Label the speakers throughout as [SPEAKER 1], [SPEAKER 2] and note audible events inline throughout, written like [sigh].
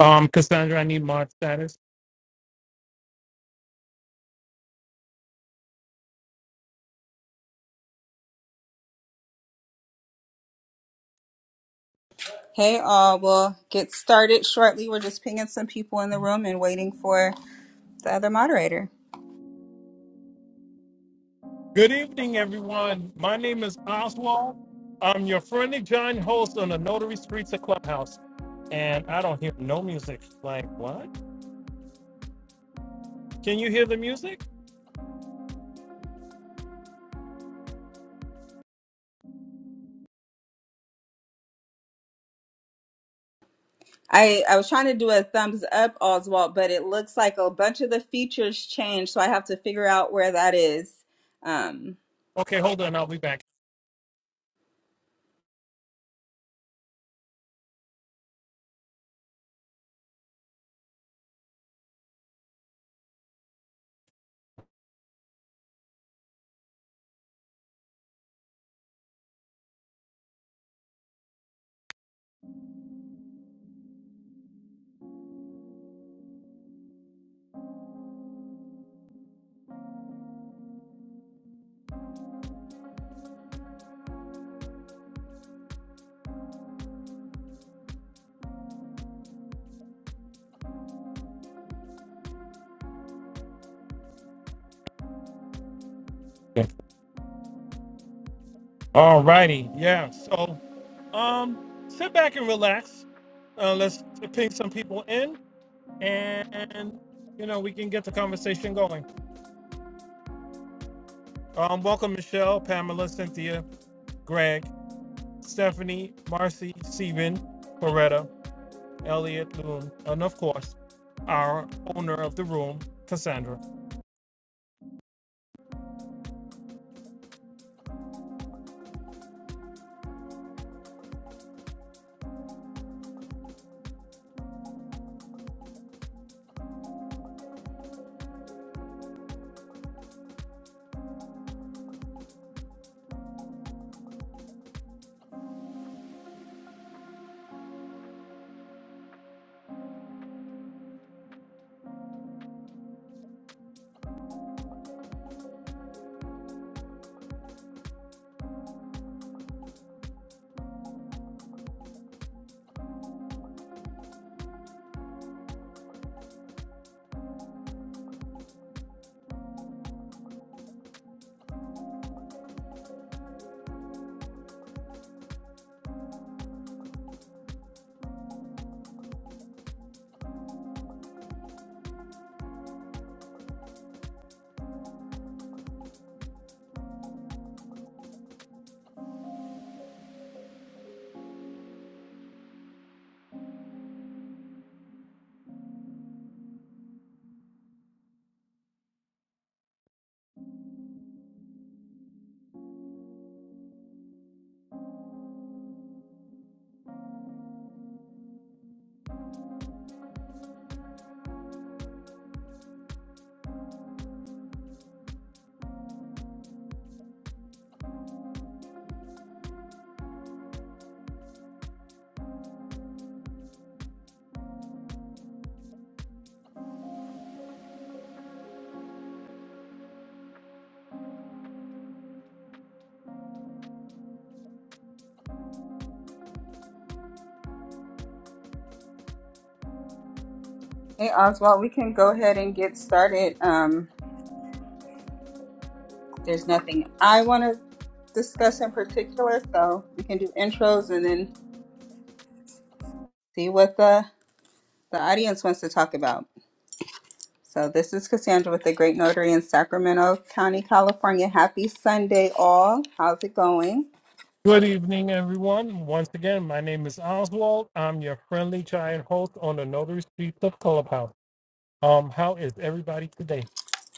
[SPEAKER 1] Um, Cassandra, I need mod status.
[SPEAKER 2] Hey, all. We'll get started shortly. We're just pinging some people in the room and waiting for the other moderator.
[SPEAKER 1] Good evening, everyone. My name is Oswald. I'm your friendly giant host on the Notary Streets of Clubhouse. And I don't hear no music. Like, what? Can you hear the music?
[SPEAKER 2] I, I was trying to do a thumbs up, Oswald, but it looks like a bunch of the features changed, so I have to figure out where that is. Um,
[SPEAKER 1] Okay, hold on. I'll be back. All righty. Yeah. So, um, sit back and relax. Uh, let's ping some people in and, you know, we can get the conversation going. Um, welcome, Michelle, Pamela, Cynthia, Greg. Stephanie, Marcy, Steven, Coretta, Elliot, Loon, and of course, our owner of the room, Cassandra.
[SPEAKER 2] hey, Oswald, we can go ahead and get started. Um, there's nothing I want to discuss in particular, so we can do intros and then see what the, the audience wants to talk about. So this is Cassandra with the Great Notary in Sacramento County, California. Happy Sunday, all. How's it going?
[SPEAKER 1] Good evening, everyone. Once again, my name is Oswald. I'm your friendly giant host on the Notary Streets of Clubhouse. Um, how is everybody today?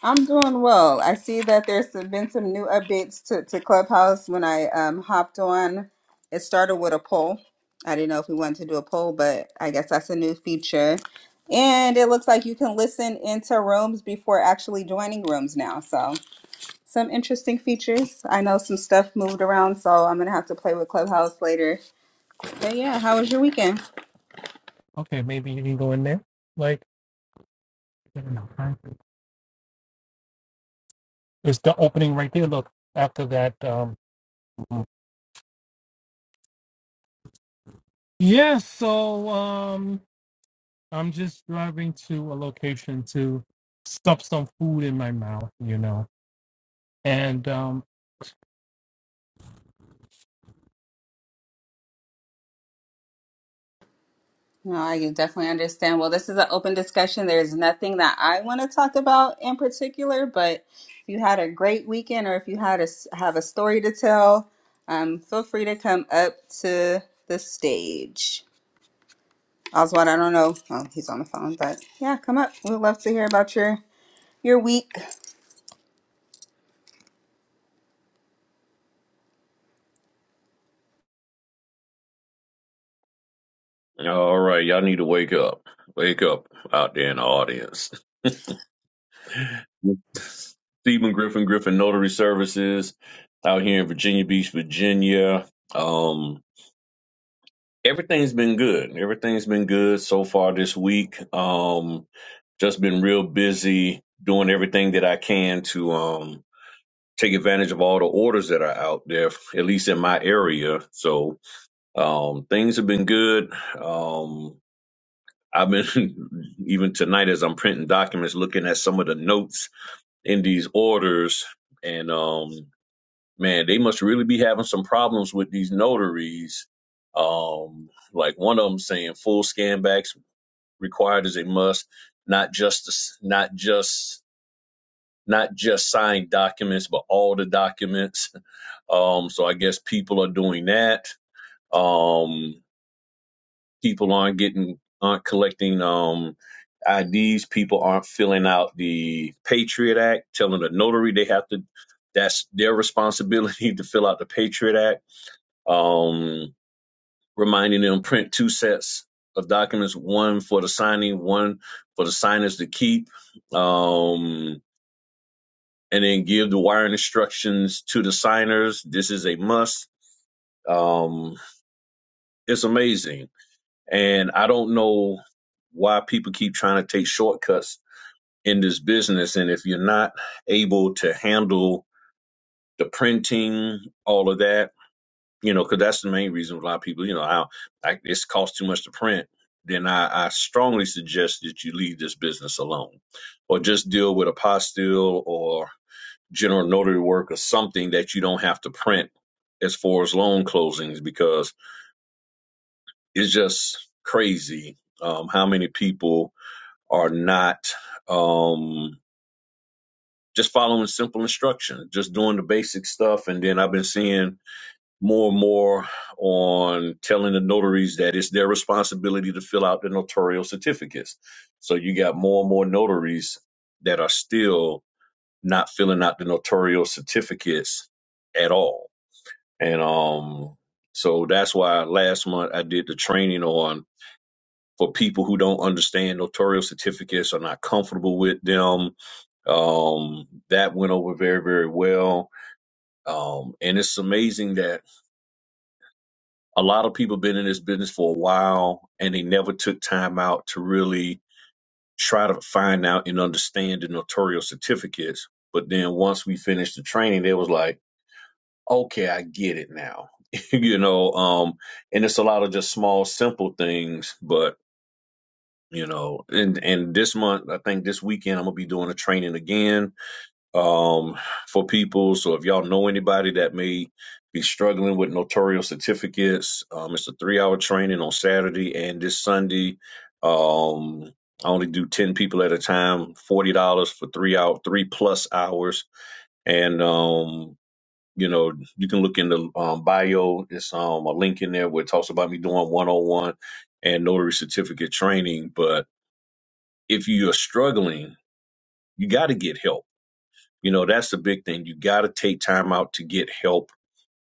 [SPEAKER 2] I'm doing well. I see that there's been some new updates to, to Clubhouse. When I um, hopped on, it started with a poll. I didn't know if we wanted to do a poll, but I guess that's a new feature. And it looks like you can listen into rooms before actually joining rooms now. So some interesting features. I know some stuff moved around, so I'm gonna have to play with Clubhouse later. But yeah, how was your weekend?
[SPEAKER 1] Okay, maybe you can go in there. Like, I don't know. It's the opening right there. Look, after that. Um, yeah, so um, I'm just driving to a location to stuff some food in my mouth, you know. And um,
[SPEAKER 2] No, I definitely understand. Well, this is an open discussion. There's nothing that I want to talk about in particular, but if you had a great weekend or if you had a, s- have a story to tell, um, feel free to come up to the stage. Oswald, I don't know. Oh, he's on the phone, but yeah, come up. We'd love to hear about your your week.
[SPEAKER 3] All right, y'all need to wake up. Wake up out there in the audience. [laughs] Stephen Griffin, Griffin Notary Services out here in Virginia Beach, Virginia. Um, everything's been good. Everything's been good so far this week. Um, just been real busy doing everything that I can to um take advantage of all the orders that are out there, at least in my area. So um things have been good. Um I've been [laughs] even tonight as I'm printing documents, looking at some of the notes in these orders, and um, man, they must really be having some problems with these notaries. Um, like one of them saying full scan backs required as a must, not just the- s- not just not just signed documents, but all the documents. [laughs] Um, so I guess people are doing that. Um, people aren't getting aren't collecting um IDs, people aren't filling out the Patriot Act, telling the notary they have to that's their responsibility [laughs] to fill out the Patriot Act. Um reminding them print two sets of documents, one for the signing, one for the signers to keep. Um and then give the wiring instructions to the signers. This is a must. Um, it's amazing And I don't know why people keep trying to take shortcuts in this business. And if you're not able to handle the printing, all of that, you know, because that's the main reason a lot of people, you know, I, I it's cost too much to print. Then I, I strongly suggest that you leave this business alone, or just deal with a apostille or general notary work or something that you don't have to print as far as loan closings because it's just crazy um, how many people are not um, just following simple instruction, just doing the basic stuff. And then I've been seeing more and more on telling the notaries that it's their responsibility to fill out the notarial certificates. So you got more and more notaries that are still not filling out the notarial certificates at all. And um, so that's why last month I did the training on for people who don't understand notarial certificates, are not comfortable with them, Um, that went over very, very well. Um, and it's amazing that a lot of people been in this business for a while and they never took time out to really try to find out and understand the notarial certificates. But then once we finished the training, they was like, okay, I get it now. [laughs] you know, um, and it's a lot of just small, simple things, but you know, and, and this month, I think this weekend, I'm gonna be doing a training again um, for people. So if y'all know anybody that may be struggling with notarial certificates, um, it's a three-hour training on Saturday and this Sunday. Um, I only do ten people at a time, forty dollars for three out three plus hours, and um, you know you can look in the um, bio. It's um, a link in there where it talks about me doing one-on-one and notary certificate training. But if you are struggling, you got to get help you know, that's the big thing. You got to take time out to get help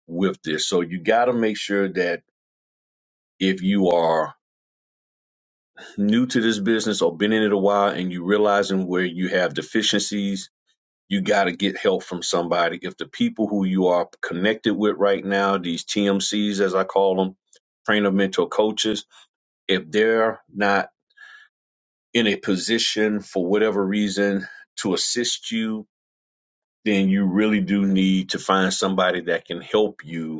[SPEAKER 3] with this. So you got to make sure that if you are new to this business or been in it a while and you realizing where you have deficiencies, you got to get help from somebody. If the people who you are connected with right now, these TMCs as I call them, trainer mentor coaches, if they're not in a position for whatever reason to assist you, then you really do need to find somebody that can help you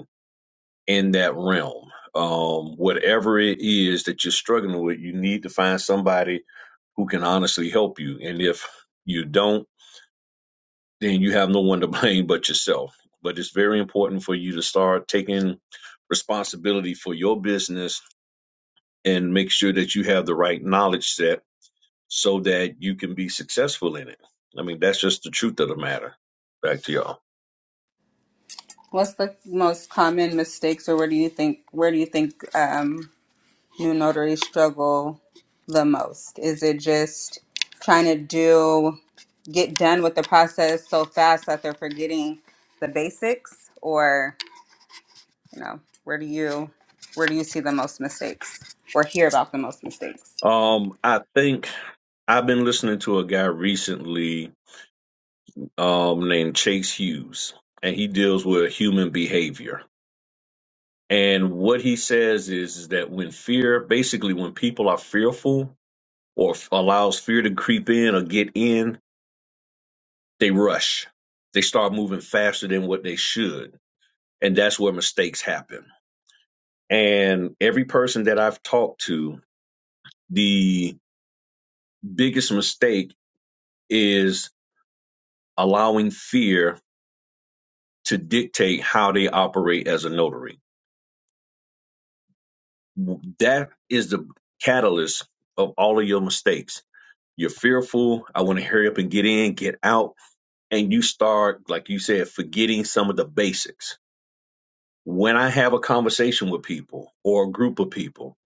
[SPEAKER 3] in that realm. Um, whatever it is that you're struggling with, you need to find somebody who can honestly help you. And if you don't, then you have no one to [laughs] blame but yourself. But it's very important for you to start taking responsibility for your business and make sure that you have the right knowledge set so that you can be successful in it. I mean, that's just the truth of the matter. Back to y'all.
[SPEAKER 2] What's the most common mistakes, or where do you think where do you think? um, new notaries struggle the most? Is it just trying to do get done with the process so fast that they're forgetting the basics or you know, where do you where do you see the most mistakes or hear about the most mistakes?
[SPEAKER 3] Um, I think I've been listening to a guy recently um, named Chase Hughes, and he deals with human behavior. And what he says is, is that when fear, basically, when people are fearful or f- allows fear to creep in or get in, they rush. They start moving faster than what they should. And that's where mistakes happen. And every person that I've talked to, the biggest mistake is allowing fear to dictate how they operate as a notary That is the catalyst of all of your mistakes. You're fearful. I want to hurry up and get in, get out. And you start, like you said, forgetting some of the basics. When I have a conversation with people or a group of people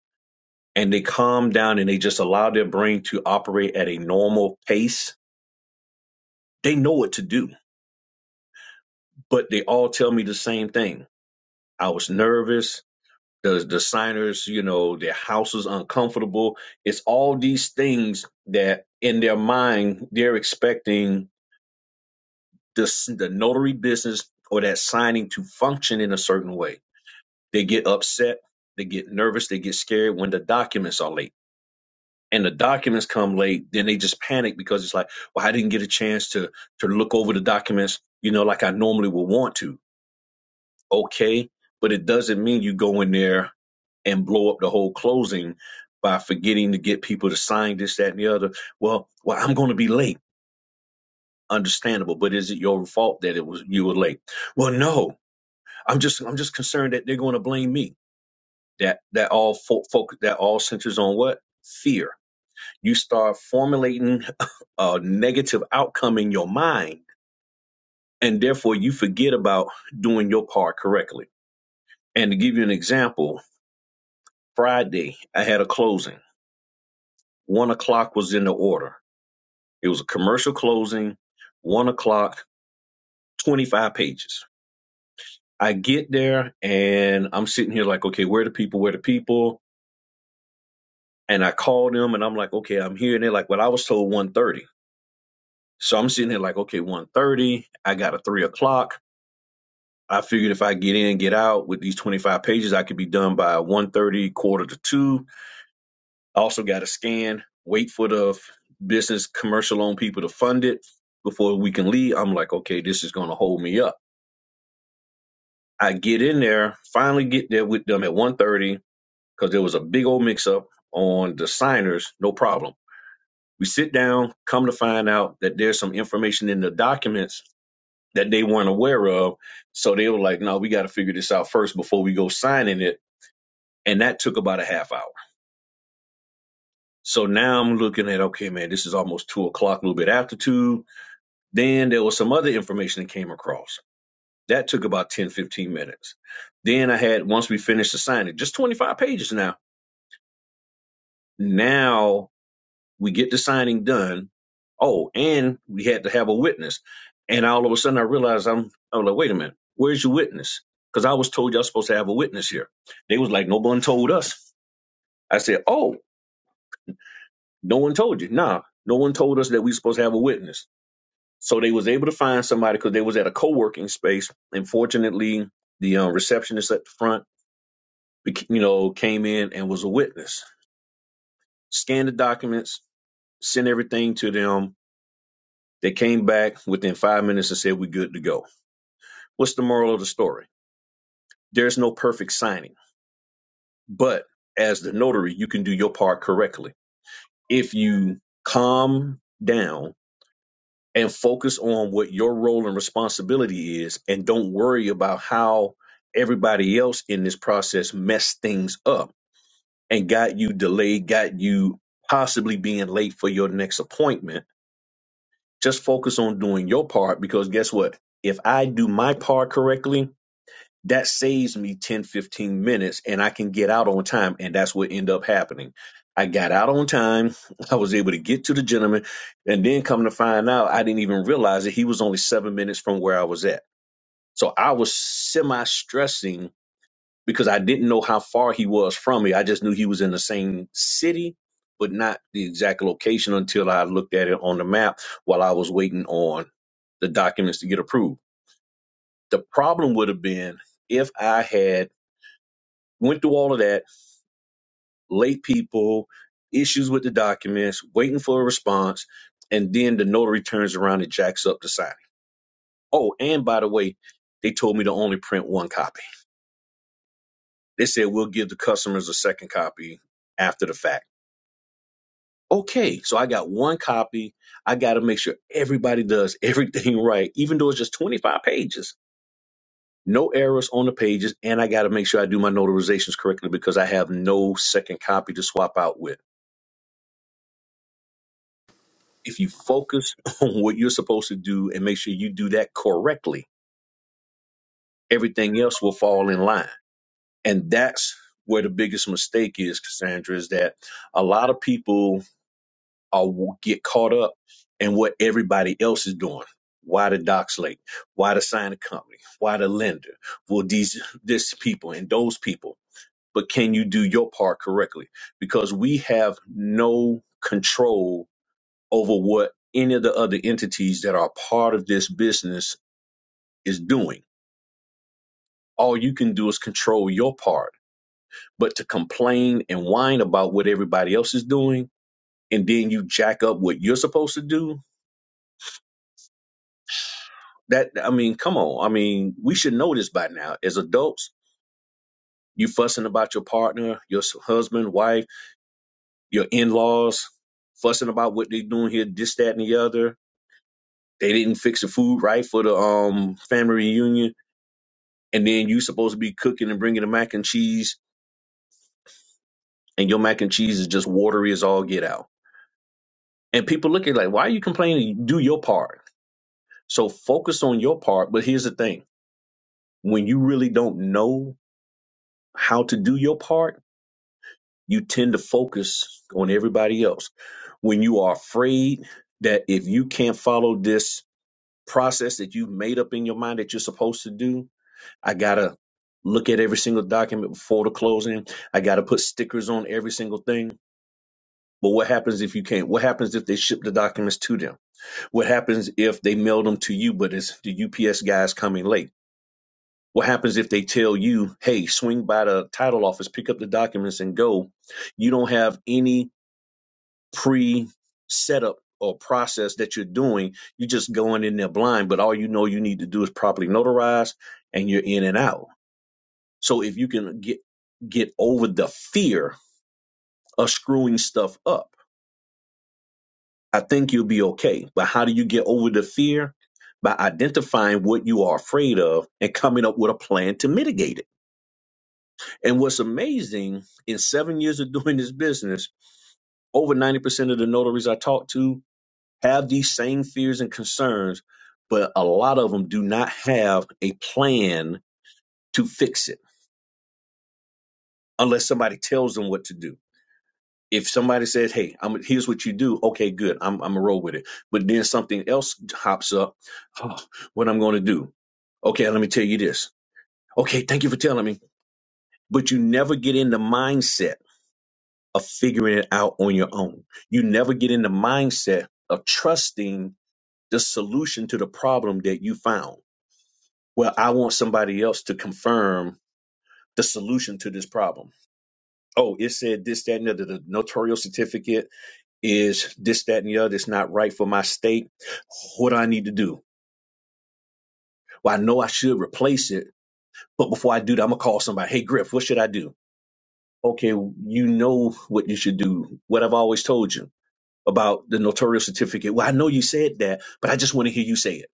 [SPEAKER 3] and they calm down and they just allow their brain to operate at a normal pace, they know what to do, but they all tell me the same thing. I was nervous. the the signers, you know, their house is uncomfortable. It's all these things that in their mind they're expecting this the notary business or that signing to function in a certain way. They get upset, they get nervous, they get scared when the documents are late. And the documents come late, then they just panic because it's like, well, I didn't get a chance to to look over the documents, you know, like I normally would want to. Okay, but it doesn't mean you go in there and blow up the whole closing by forgetting to get people to sign this, that, and the other. Well, well, I'm going to be late. Understandable, but is it your fault that it was you were late? Well, no. I'm just I'm just concerned that they're going to blame me. That that all fo- focus that all centers on what fear. You start formulating [laughs] a negative outcome in your mind, and therefore you forget about doing your part correctly. And to give you an example, Friday I had a closing. One o'clock was in the order It was a commercial closing, one o'clock, 25 pages. I get there and I'm sitting here like, okay, where are the people? Where are the people? And I call them and I'm like, okay, I'm here. And they're like, well, I was told one thirty. So I'm sitting there like, okay, one thirty. I got a three o'clock. I figured if I get in, and get out with these 25 pages, I could be done by one thirty, quarter to two. I also got to scan, wait for the business commercial loan people to fund it before we can leave. I'm like, okay, this is going to hold me up. I get in there, finally get there with them at 1.30 because there was a big old mix-up on the signers, no problem. We sit down, come to find out that there's some information in the documents that they weren't aware of. So they were like, no, we got to figure this out first before we go signing it. And that took about a half hour. So now I'm looking at, okay, man, this is almost two o'clock, a little bit after two. Then there was some other information that came across. That took about 10, 15 minutes. Then I had, once we finished the signing, just 25 pages now Now we get the signing done. Oh, and we had to have a witness. And all of a sudden I realized I'm I was like, wait a minute, where's your witness? Because I was told y'all supposed to have a witness here. They was like, no one told us. I said, Oh, no one told you. Nah, no one told us that we supposed to have a witness. So they was able to find somebody because they was at a co-working space. And fortunately, the um, receptionist at the front, bec- you know, came in and was a witness. Scanned the documents, sent everything to them They came back within five minutes and said, We're good to go. What's the moral of the story? There's no perfect signing, but as the notary, you can do your part correctly. If you calm down and focus on what your role and responsibility is and don't worry about how everybody else in this process messed things up and got you delayed, got you possibly being late for your next appointment, just focus on doing your part because guess what? If I do my part correctly, that saves me 10 15 minutes and i can get out on time and that's what ended up happening i got out on time i was able to get to the gentleman and then come to find out i didn't even realize that he was only seven minutes from where i was at so i was semi stressing because i didn't know how far he was from me i just knew he was in the same city but not the exact location until i looked at it on the map while i was waiting on the documents to get approved the problem would have been if i had Went through all of that, late people, issues with the documents, waiting for a response, and then the notary turns around and jacks up the signing. Oh, and by the way, they told me to only print one copy. They said we'll give the customers a second copy after the fact. Okay, so I got one copy. I got to make sure everybody does everything [laughs] right, even though it's just 25 pages. No errors on the pages, and I got to make sure I do my notarizations correctly because I have no second copy to swap out with. if you focus [laughs] on what you're supposed to do and make sure you do that correctly, everything else will fall in line. And that's where the biggest mistake is, Cassandra, is that a lot of people are, get caught up in what everybody else is doing. Why the docs late? Why the signing company? Why the lender? Well, these this people and those people. But can you do your part correctly? Because we have no control over what any of the other entities that are part of this business is doing. All you can do is control your part. But to complain and whine about what everybody else is doing, and then you jack up what you're supposed to do, that, I mean, come on. I mean, we should know this by now. As adults, you fussing about your partner, your husband, wife, your in laws, fussing about what they're doing here, this, that, and the other. They didn't fix the food right for the um, family reunion and then you supposed to be cooking and bringing the mac and cheese, and your mac and cheese is just watery as all get out. And people look at it like, why are you complaining? Do your part. So focus on your part. But here's the thing: when you really don't know how to do your part, you tend to focus on everybody else. When you are afraid that if you can't follow this process that you've made up in your mind that you're supposed to do, I gotta look at every single document before the closing. I gotta put stickers on every single thing But what happens if you can't? What happens if they ship the documents to them? What happens if they mail them to you, but it's the UPS guys coming late? What happens if they tell you, hey, swing by the title office, pick up the documents and go? You don't have any pre setup or process that you're doing. You're just going in there blind, but all you know you need to do is properly notarize and you're in and out. So if you can get get over the fear of screwing stuff up I think you'll be okay. But how do you get over the fear? By identifying what you are afraid of and coming up with a plan to mitigate it. And what's amazing, in seven years of doing this business, over 90% of the notaries I talk to have these same fears and concerns, but a lot of them do not have a plan to fix it unless somebody tells them what to do. if somebody says, "Hey, I'm here's what you do," okay, good, I'm I'm a roll with it. But then something else hops up. Oh, what I'm going to do? Okay, let me tell you this. Okay, thank you for telling me. But you never get in the mindset of figuring it out on your own. You never get in the mindset of trusting the solution to the problem that you found. Well, I want somebody else to confirm the solution to this problem. Oh, it said this, that, and the, the notorial certificate is this, that, and the other. It's not right for my state. What do I need to do? Well, I know I should replace it, but before I do that, I'm gonna call somebody. Hey, Griff, what should I do? Okay, you know what you should do. What I've always told you about the notarial certificate. Well, I know you said that, but I just want to hear you say it.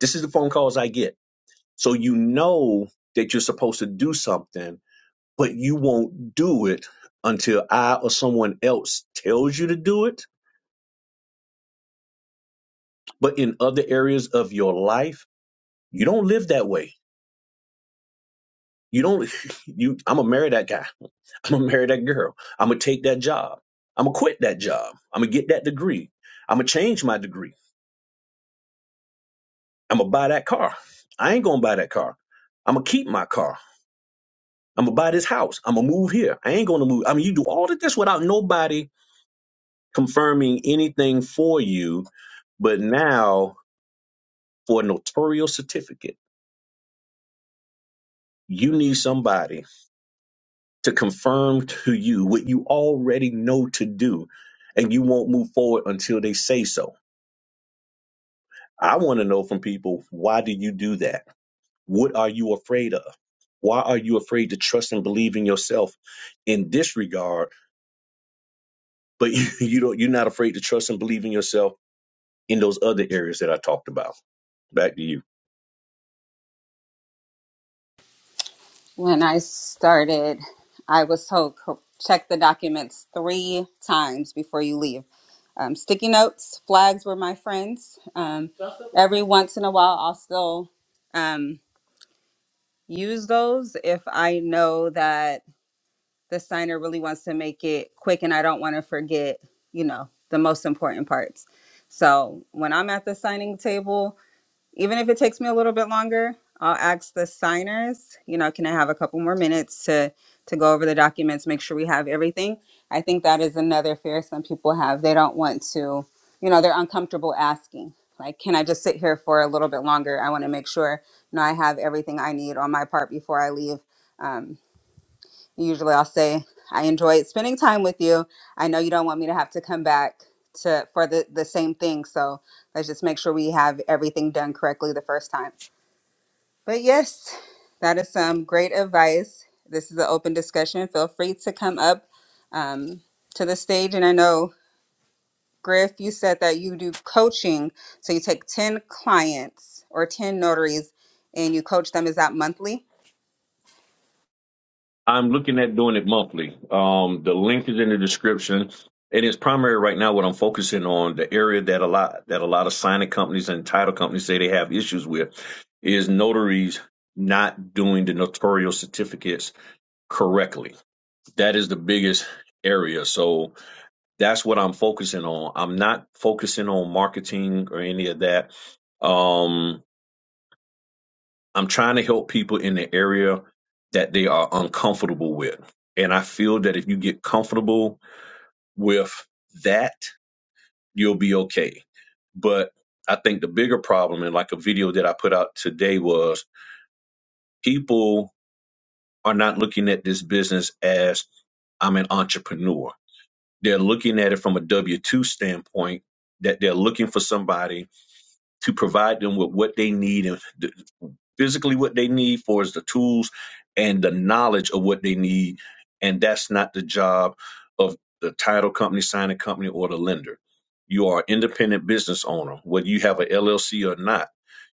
[SPEAKER 3] This is the phone calls I get. So you know that you're supposed to do something, but you won't do it until I or someone else tells you to do it. But in other areas of your life, you don't live that way You don't [laughs] you I'm gonna marry that guy. I'm gonna marry that girl. I'm gonna take that job. I'm gonna quit that job. I'm gonna get that degree. I'm gonna change my degree. I'm gonna buy that car. I ain't gonna buy that car. I'm gonna keep my car. I'm gonna buy this house. I'm gonna move here. I ain't gonna move. I mean, you do all of this without nobody confirming anything for you. But now, for a notarial certificate, you need somebody to confirm to you what you already know to do, and you won't move forward until they say so. I want to know from people why do you do that? What are you afraid of? Why are you afraid to trust and believe in yourself in this regard, but [laughs] you, you don't you're not afraid to trust and believe in yourself in those other areas that I talked about? Back to you.
[SPEAKER 2] When I started, I was told co- check the documents three times before you leave. Um, sticky notes, flags were my friends. Um, every once in a while, I'll still um, use those if I know that the signer really wants to make it quick and I don't want to forget, you know, the most important parts. So when I'm at the signing table, even if it takes me a little bit longer i'll ask the signers you know can i have a couple more minutes to to go over the documents make sure we have everything i think that is another fear some people have they don't want to you know they're uncomfortable asking like can i just sit here for a little bit longer i want to make sure you know i have everything i need on my part before i leave Um, usually I'll say I enjoyed spending time with you. I know you don't want me to have to come back to for the the same thing, so let's just make sure we have everything done correctly the first time. But yes, that is some great advice. This is an open discussion. Feel free to come up um, to the stage, and I know Griff, you said that you do coaching, so you take ten clients or ten notaries, and you coach them. Is that monthly?
[SPEAKER 3] I'm looking at doing it monthly. Um, the link is in the description. And it's primary right now what I'm focusing on, the area that a lot that a lot of signing companies and title companies say they have issues with is notaries not doing the notarial certificates correctly. That is the biggest area. So that's what I'm focusing on. I'm not focusing on marketing or any of that. Um I'm trying to help people in the area that they are uncomfortable with. And I feel that if you get comfortable with that, you'll be okay. But I think the bigger problem, and like a video that I put out today, was people are not looking at this business as I'm an entrepreneur. They're looking at it from a W 2 standpoint that they're looking for somebody to provide them with what they need and. physically what they need for is the tools and the knowledge of what they need and that's not the job of the title company signing company or the lender you are an independent business owner whether you have an llc or not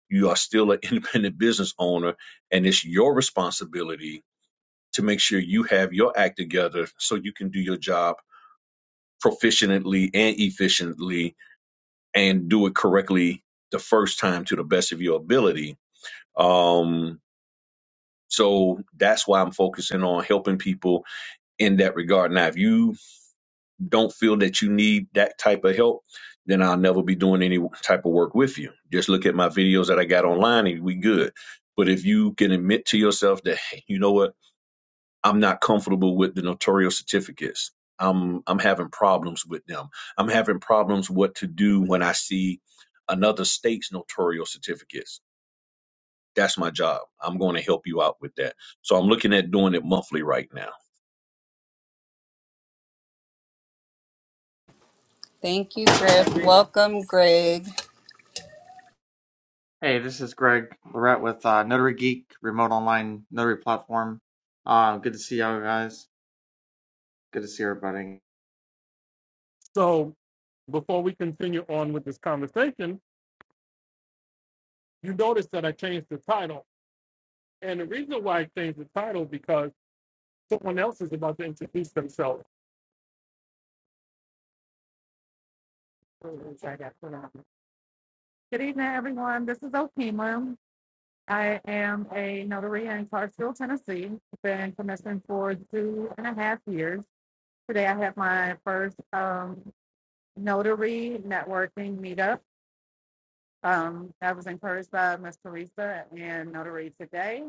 [SPEAKER 3] you are still an [laughs] independent business owner and it's your responsibility to make sure you have your act together so you can do your job proficiently and efficiently and do it correctly the first time to the best of your ability Um, So that's why I'm focusing on helping people in that regard. Now, if you don't feel that you need that type of help, then I'll never be doing any type of work with you. Just look at my videos that I got online and we good. But if you can admit to yourself that, hey, you know what, I'm not comfortable with the notarial certificates. I'm I'm having problems with them. I'm having problems what to do when I see another state's notarial certificates. That's my job. I'm going to help you out with that. So I'm looking at doing it monthly right now.
[SPEAKER 2] Thank you, Griff. Welcome, Greg.
[SPEAKER 4] Hey, this is Greg Lorette with uh, Notary Geek, remote online notary platform. Uh, good to see y'all guys. Good to see everybody.
[SPEAKER 1] so before we continue on with this conversation, you notice that I changed the title. And the reason why I changed the title because someone else is about to introduce themselves. Good evening, this is Okima. I am a notary in Clarksville, Tennessee. Been commissioned for two and a half years. Today I had my first um, notary networking meetup. Um, I was encouraged by Miss Teresa and Notary today,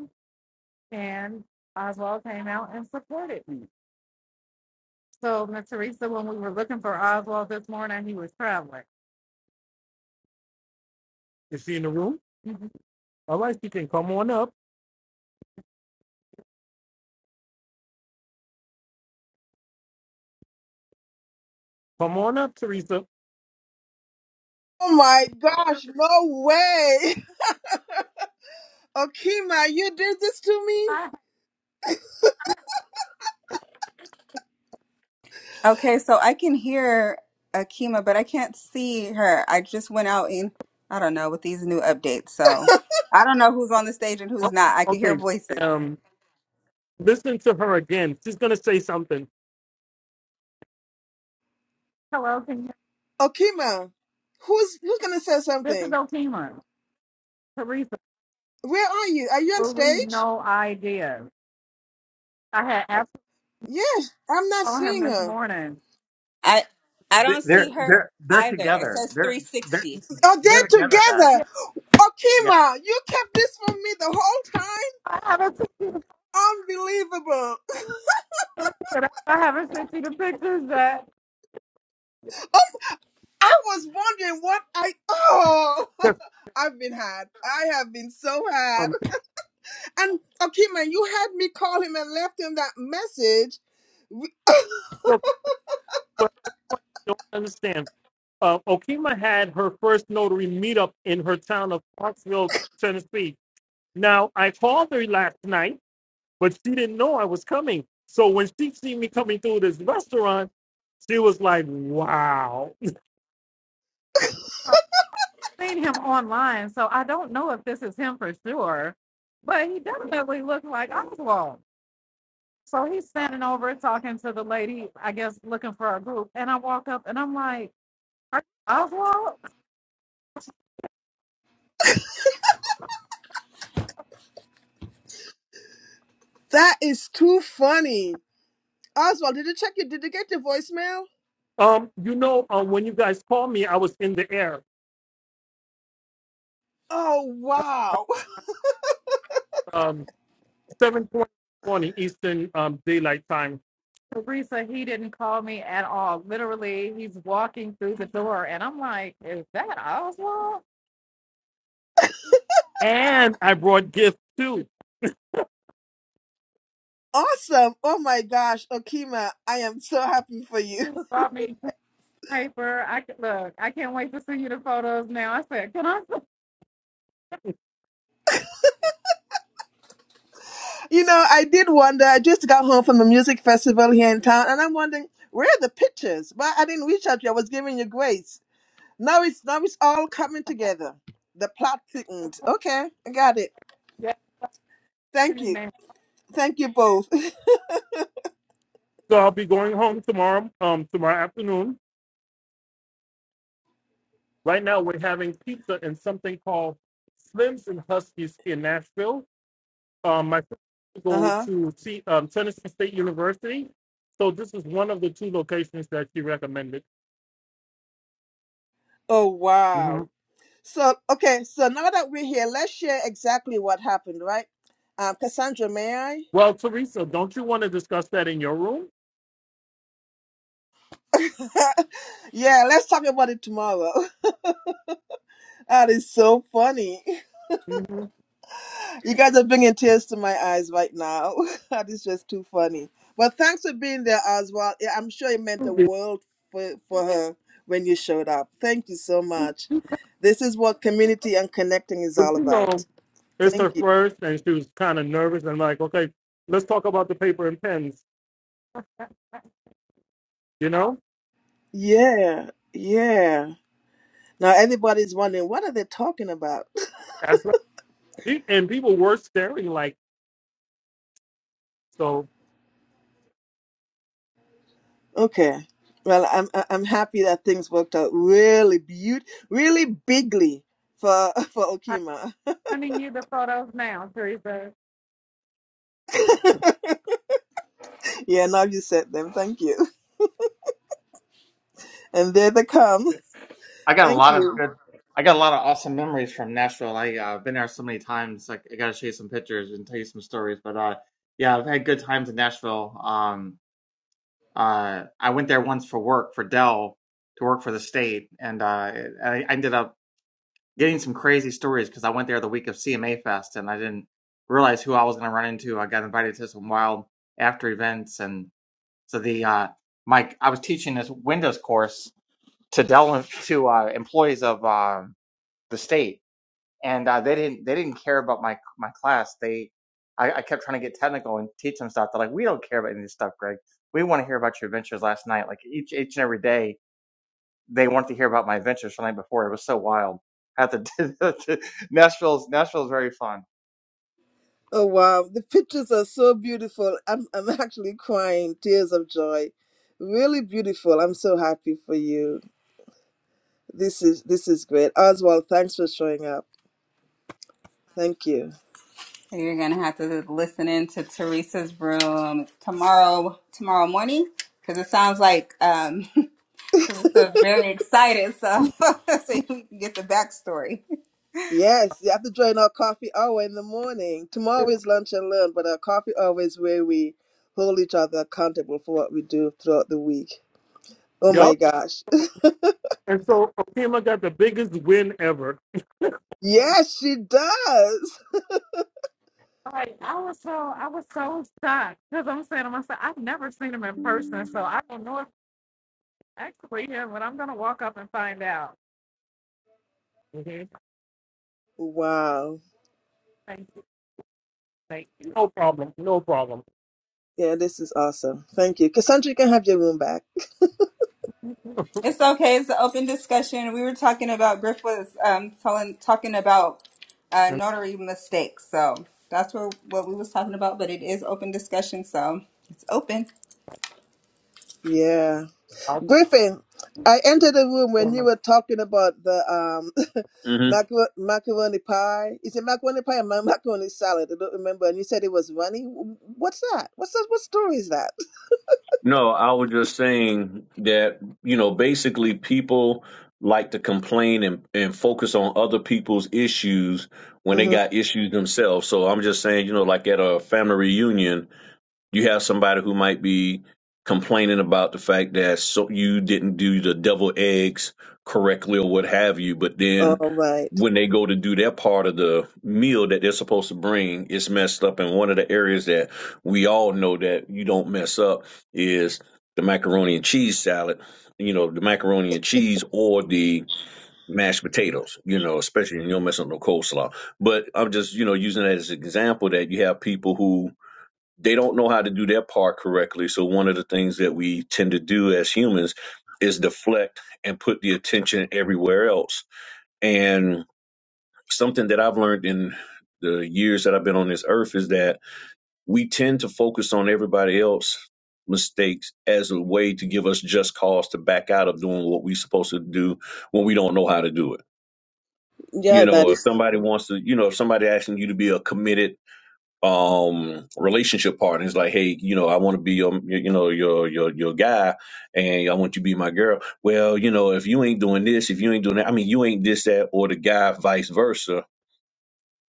[SPEAKER 1] and Oswald came out and supported me. So Miss Teresa, when we were looking for Oswald this morning, he was traveling. Is she in the room? Mhm. All right, she can come on up. Come on up, Teresa.
[SPEAKER 5] Oh my gosh, no way. [laughs] Okima, you did this to me?
[SPEAKER 1] Hi.
[SPEAKER 2] Okay, so I can hear Akima, but I can't see her. I just went out and I don't know with these new updates, so I don't know who's on the stage and who's
[SPEAKER 1] Oh,
[SPEAKER 2] not. I can hear
[SPEAKER 1] okay.
[SPEAKER 2] voices.
[SPEAKER 1] Um, listen. Hello, can you,
[SPEAKER 5] Okima, who's who's gonna say
[SPEAKER 1] this is
[SPEAKER 5] something?
[SPEAKER 1] Okima. Teresa,
[SPEAKER 5] Where are you? Are you on
[SPEAKER 1] absolutely
[SPEAKER 5] stage?
[SPEAKER 1] no idea. I had absolutely
[SPEAKER 5] Yes, I'm not
[SPEAKER 1] on him
[SPEAKER 5] seeing
[SPEAKER 1] this
[SPEAKER 5] her.
[SPEAKER 1] morning.
[SPEAKER 2] I I
[SPEAKER 4] They-
[SPEAKER 2] don't see
[SPEAKER 4] They're
[SPEAKER 2] her
[SPEAKER 4] they're they're
[SPEAKER 2] either. It
[SPEAKER 4] together.
[SPEAKER 2] says
[SPEAKER 4] They're they're
[SPEAKER 2] 360.
[SPEAKER 5] Oh,
[SPEAKER 4] they're
[SPEAKER 5] they're
[SPEAKER 4] together, guys.
[SPEAKER 5] together.
[SPEAKER 4] Yeah,
[SPEAKER 5] Okima, you kept this from me the whole
[SPEAKER 1] I haven't sent you the
[SPEAKER 5] time? Unbelievable.
[SPEAKER 1] pictures, but I haven't sent you the pictures that.
[SPEAKER 5] I was wondering what I oh [laughs] I've been had. I have been so had.
[SPEAKER 1] Um,
[SPEAKER 5] And Okima, you had me call him and left him that message
[SPEAKER 1] historical, but everyone that don't understand. Uh, Okima had her first notary meetup in her town of Clarksville, Tennessee. Now, I called her last night, but she didn't know I was coming. So when she seen me coming through this restaurant, she was like, wow. Seen him online, so I don't know if this is him for sure, but he definitely looked like Oswald. So he's standing over talking to the lady, I guess looking for a group. And I walk up and I'm like, Are you Oswald?
[SPEAKER 5] That is too funny. Oswald, did it check your did it get your voicemail?
[SPEAKER 1] Um, you know, uh, when you guys called me, I was in the air.
[SPEAKER 5] Oh wow.
[SPEAKER 1] Um, seven twenty morning Eastern um, Daylight Time. Teresa, he didn't call me at all. Literally, he's walking through the door and I'm like, Is that Oswald? And I brought gifts too. He
[SPEAKER 5] Awesome. Oh my gosh, Okima, I am so happy for you. [laughs]
[SPEAKER 1] Brought me paper. I c- look, I can't wait to send you the photos now. I said, Can I [laughs] send-
[SPEAKER 5] You know, I did wonder, I just got home from a music festival here in town and I'm wondering, where are the pictures? Well, I didn't reach out to you, I was giving you grace. Now it's now it's all coming together. The plot thickened. Okay, I got it.
[SPEAKER 1] yeah,
[SPEAKER 5] Thank
[SPEAKER 1] man.
[SPEAKER 5] you.
[SPEAKER 1] [laughs]
[SPEAKER 5] Thank you both. [laughs]
[SPEAKER 1] So I'll be going home tomorrow, um, tomorrow afternoon. Right now we're having pizza and something called Slims and Huskies in Nashville. Um, my friends go
[SPEAKER 5] Uh-huh.
[SPEAKER 1] to see um, Tennessee State University. So this is one of the two locations that she recommended.
[SPEAKER 5] Oh wow.
[SPEAKER 1] hmm
[SPEAKER 5] So, okay, so now that we're here, let's share exactly what happened, right? Um, Cassandra, may I?
[SPEAKER 1] Well, Teresa, don't you want to discuss that in your room?
[SPEAKER 5] [laughs] Yeah, let's talk about it tomorrow. [laughs] That is so funny.
[SPEAKER 1] Mhm.
[SPEAKER 5] You guys are bringing tears to my eyes right now. [laughs] That is just too funny. But thanks for being there, Oswald. Yeah, I'm sure it meant the
[SPEAKER 1] But
[SPEAKER 5] world for, for her when you showed up. Thank you so much. This is what community and connecting is all
[SPEAKER 1] you know,
[SPEAKER 5] about.
[SPEAKER 1] it's her
[SPEAKER 5] Thank you.
[SPEAKER 1] first, and she was kind of nervous and like, okay, let's talk about the paper and pens. You know,
[SPEAKER 5] Yeah, yeah. Now everybody's wondering what are they talking about?
[SPEAKER 1] that's right. Pe- And people were staring like so.
[SPEAKER 5] Okay. Well, I'm I- I'm happy that things worked out really beaut really bigly for [laughs] for Okima. [laughs]
[SPEAKER 1] sending you the photos now, Teresa.
[SPEAKER 5] Yeah, now you said them. Thank you. And there they come.
[SPEAKER 4] I got a
[SPEAKER 5] Thank
[SPEAKER 4] lot of
[SPEAKER 5] you.
[SPEAKER 4] good. I got a lot of awesome memories from Nashville. I uh, been there so many times. Like I got to show you some pictures and tell you some stories. But uh, yeah, I've had good times in Nashville. Um, uh, I went there once for work for Dell to work for the state, and uh, I I ended up getting some crazy stories because I went there the week of CMA Fest and I didn't realize who I was going to run into. I got invited to some wild after events, and so the uh, my I was teaching this Windows course to del- to uh, employees of uh, the state, and uh, they didn't they didn't care about my my class. They I, I kept trying to get technical and teach them stuff. They're like, we don't care about any of this stuff, Greg. We want to hear about your adventures last night. Like each each and every day they wanted to hear about my adventures from the night before. It was so wild. At the [laughs] Nashville's Nashville's very fun.
[SPEAKER 5] Oh wow, the pictures are so beautiful. I'm I'm actually crying tears of joy. Really beautiful. I'm so happy for you. This is this is great. Oswald, thanks for showing up. Thank you.
[SPEAKER 2] You're gonna have to listen in to Teresa's room tomorrow tomorrow morning because it sounds like um, [laughs] Teresa's very excited, so [laughs] so you can get the backstory.
[SPEAKER 5] Yes, you have to join our coffee hour in the morning. Tomorrow is lunch and learn, but our coffee hour is where we hold each other accountable for what we do throughout the week. Oh my
[SPEAKER 1] Yup.
[SPEAKER 5] gosh. [laughs]
[SPEAKER 1] And so Okima got the biggest win ever.
[SPEAKER 5] Yes, she does.
[SPEAKER 1] Like I was so I was so shocked because I'm saying to myself, I've never seen him in person, so I don't know if it's actually him, but I'm gonna walk up and find out. Mhm.
[SPEAKER 5] Wow.
[SPEAKER 1] Thank you, thank you. No problem. No problem.
[SPEAKER 5] Yeah, this is awesome. Thank you. Cassandra, you can have your room back. [laughs]
[SPEAKER 2] It's okay. It's an open discussion. We were talking about Griff was um, telling talking about uh, notary mistakes, so that's what what we was talking about. But it is open discussion, so it's open.
[SPEAKER 5] Yeah. Griffin, I entered the room when you were talking about the um [laughs]
[SPEAKER 3] hmm
[SPEAKER 5] macaro- macaroni pie. Is it macaroni pie or ma- macaroni salad? I don't remember. And you said it was runny. What's that? What's that? What story is that?
[SPEAKER 3] No, I was just saying that, you know, basically people like to complain and, and focus on other people's issues when they
[SPEAKER 5] Mm-hmm.
[SPEAKER 3] got issues themselves. So I'm just saying, you know, like at a family reunion, You have somebody who might be complaining about the fact that so you didn't do the devil eggs correctly or what have you, but then
[SPEAKER 5] All right.
[SPEAKER 3] when they go to do their part of the meal that they're supposed to bring, it's messed up. And one of the areas that we all know that you don't mess up is the macaroni and cheese salad. You know, the macaroni and cheese or the mashed potatoes, you know, especially when you don't mess up no coleslaw. But I'm just, you know, using that as an example that you have people who they don't know how to do their part correctly. So one of the things that we tend to do as humans is deflect and put the attention everywhere else. And something that I've learned in the years that I've been on this earth is that we tend to focus on everybody else mistakes as a way to give us just cause to back out of doing what we're supposed to do when we don't know how to do it.
[SPEAKER 5] Yeah,
[SPEAKER 3] You
[SPEAKER 5] that
[SPEAKER 3] know, if
[SPEAKER 5] is.
[SPEAKER 3] somebody wants to, you know, if somebody asking you to be a committed um relationship partner. He's like, hey, you know, I want to be your, your- you know, your your your guy, and I want you to be my girl. Well, you know, if you ain't doing this, if you ain't doing that, I mean, you ain't this that or the guy, vice versa.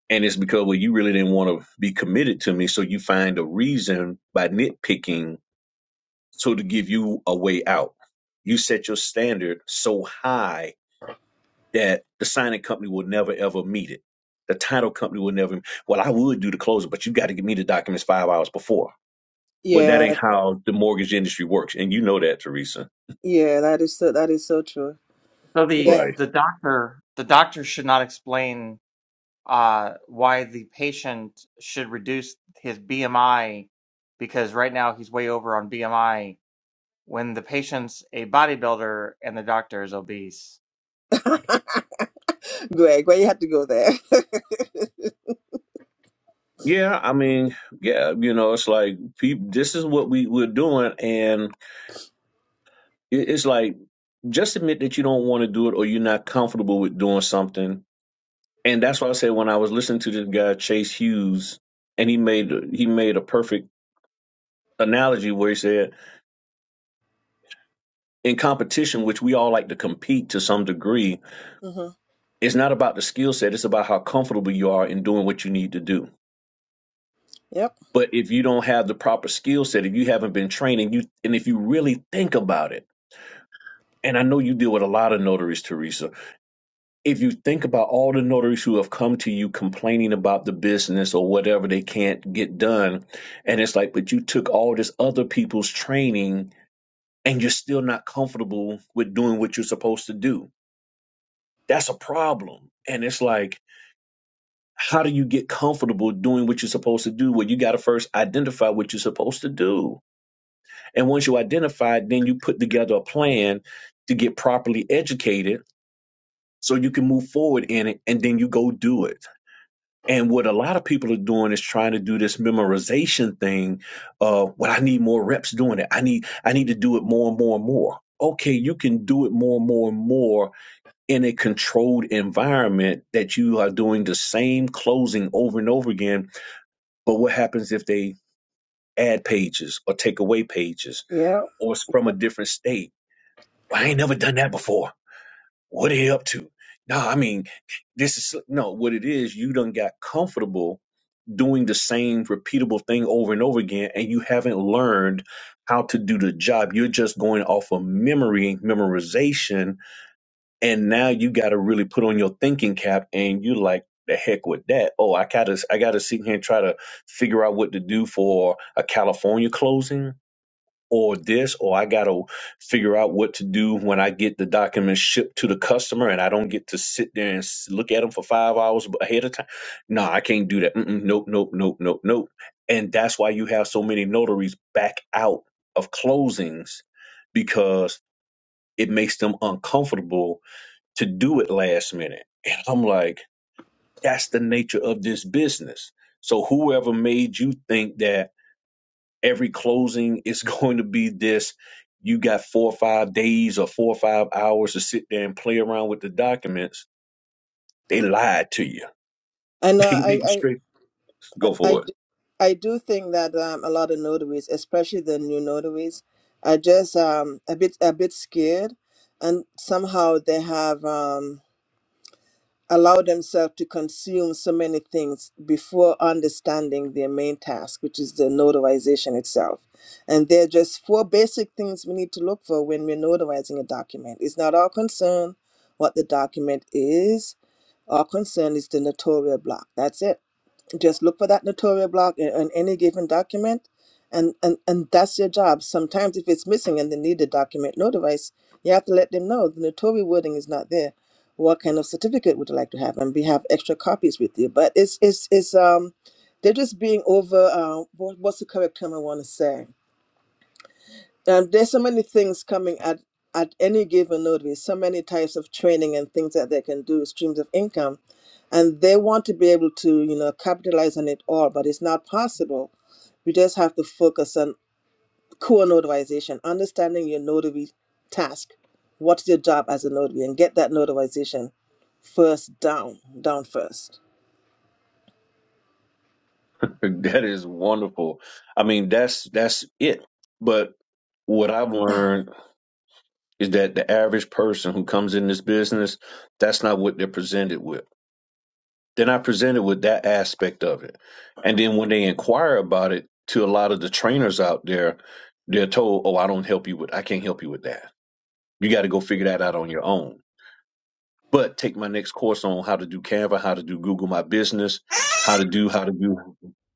[SPEAKER 3] And it's because well, you really didn't want to be committed to me, so you find a reason by nitpicking, so to give you a way out. You set your standard so high that the signing company will never ever meet it. The title company will never. Well, I would do the closing, but you got to give me the documents five hours before well, that
[SPEAKER 5] Yeah,
[SPEAKER 3] ain't how the mortgage industry works, and you know that, Teresa.
[SPEAKER 5] yeah, that is so. That is so true.
[SPEAKER 4] So the
[SPEAKER 5] Yeah,
[SPEAKER 3] Right.
[SPEAKER 4] the doctor the doctor should not explain uh, why the patient should reduce his BMI because right now he's way over on BMI when the patient's a bodybuilder and the doctor is obese.
[SPEAKER 5] [laughs] Greg, why you had to go there? [laughs]
[SPEAKER 3] Yeah, I mean, yeah, you know, it's like people. This is what we we're doing, and it, it's like just admit that you don't want to do it or you're not comfortable with doing something. And that's why I said when I was listening to this guy Chase Hughes, and he made he made a perfect analogy where he said in competition, which we all like to compete to some degree,
[SPEAKER 5] hmm
[SPEAKER 3] it's not about the skill set; it's about how comfortable you are in doing what you need to do
[SPEAKER 5] Yep.
[SPEAKER 3] But if you don't have the proper skill set, if you haven't been training, you and if you really think about it, and I know you deal with a lot of notaries, Teresa. If you think about all the notaries who have come to you complaining about the business or whatever they can't get done, and it's like, but you took all this other people's training and you're still not comfortable with doing what you're supposed to do. That's a problem. And it's like, how do you get comfortable doing what you're supposed to do? Well, you got to first identify what you're supposed to do And once you identify, it, then you put together a plan to get properly educated so you can move forward in it and then you go do it. And what a lot of people are doing is trying to do this memorization thing of well, I need more reps doing it. I need I need to do it more and more and more. Okay, you can do it more and more and more in a controlled environment that you are doing the same closing over and over again. But what happens if they add pages or take away pages
[SPEAKER 5] Yeah.
[SPEAKER 3] or it's from a different state? Well, I ain't never done that before. What are you up to? No, I mean, this is no what it is. You done got comfortable doing the same repeatable thing over and over again, and you haven't learned how to do the job. You're just going off of memory, memorization, and now you got to really put on your thinking cap, and you like. The heck with that. Oh, I gotta I gotta sit here and try to figure out what to do for a California closing or this or I got to figure out what to do when I get the documents shipped to the customer and I don't get to sit there and s- look at them for 5 hours ahead of time. No, I can't do that. Mm-mm, nope, nope, nope, nope, nope. And that's why you have so many notaries back out of closings because it makes them uncomfortable to do it last minute. And I'm like, that's the nature of this business. So whoever made you think that every closing is [laughs] going to be this you got four or five days or four or five hours to sit there and play around with the documents they lied to you
[SPEAKER 5] And
[SPEAKER 3] [laughs]
[SPEAKER 5] uh,
[SPEAKER 3] they
[SPEAKER 5] I,
[SPEAKER 3] didn't
[SPEAKER 5] I,
[SPEAKER 3] straight go
[SPEAKER 5] I, I
[SPEAKER 3] for
[SPEAKER 5] d- I do think that um, a lot of notaries, especially the new notaries, are just um, a bit, a bit scared, and somehow they have um, allowed themselves to consume so many things before understanding their main task, which is the notarization itself. And there are just four basic things we need to look for when we're notarizing a document. It's not our concern what the document is. Our concern is the notarial block. That's it just look for that notarial block in, in any given document and, and and that's your job sometimes if it's missing and they need the document notarized you have to let them know the notarial wording is not there what kind of certificate would you like to have and we have extra copies with you but it's it's it's um they're just being over uh, what, what's the correct term i want to say um, there's so many things coming at at any given notice, so many types of training and things that they can do, streams of income, and they want to be able to, you know, capitalize on it all, but it's not possible. We just have to focus on core notarization, understanding your notary task, what's your job as a notary, and get that notarization first down, down first.
[SPEAKER 3] it [laughs] that is wonderful i mean that's that's it but what i've learned is that the average person who comes in this business that's not what they're presented with They're not presented with that aspect of it. And then when they inquire about it to a lot of the trainers out there, they're told, "Oh, I don't help you with. I can't help you with that. You got to go figure that out on your own." But take my next course on how to do Canva, how to do Google My Business, how to do how to do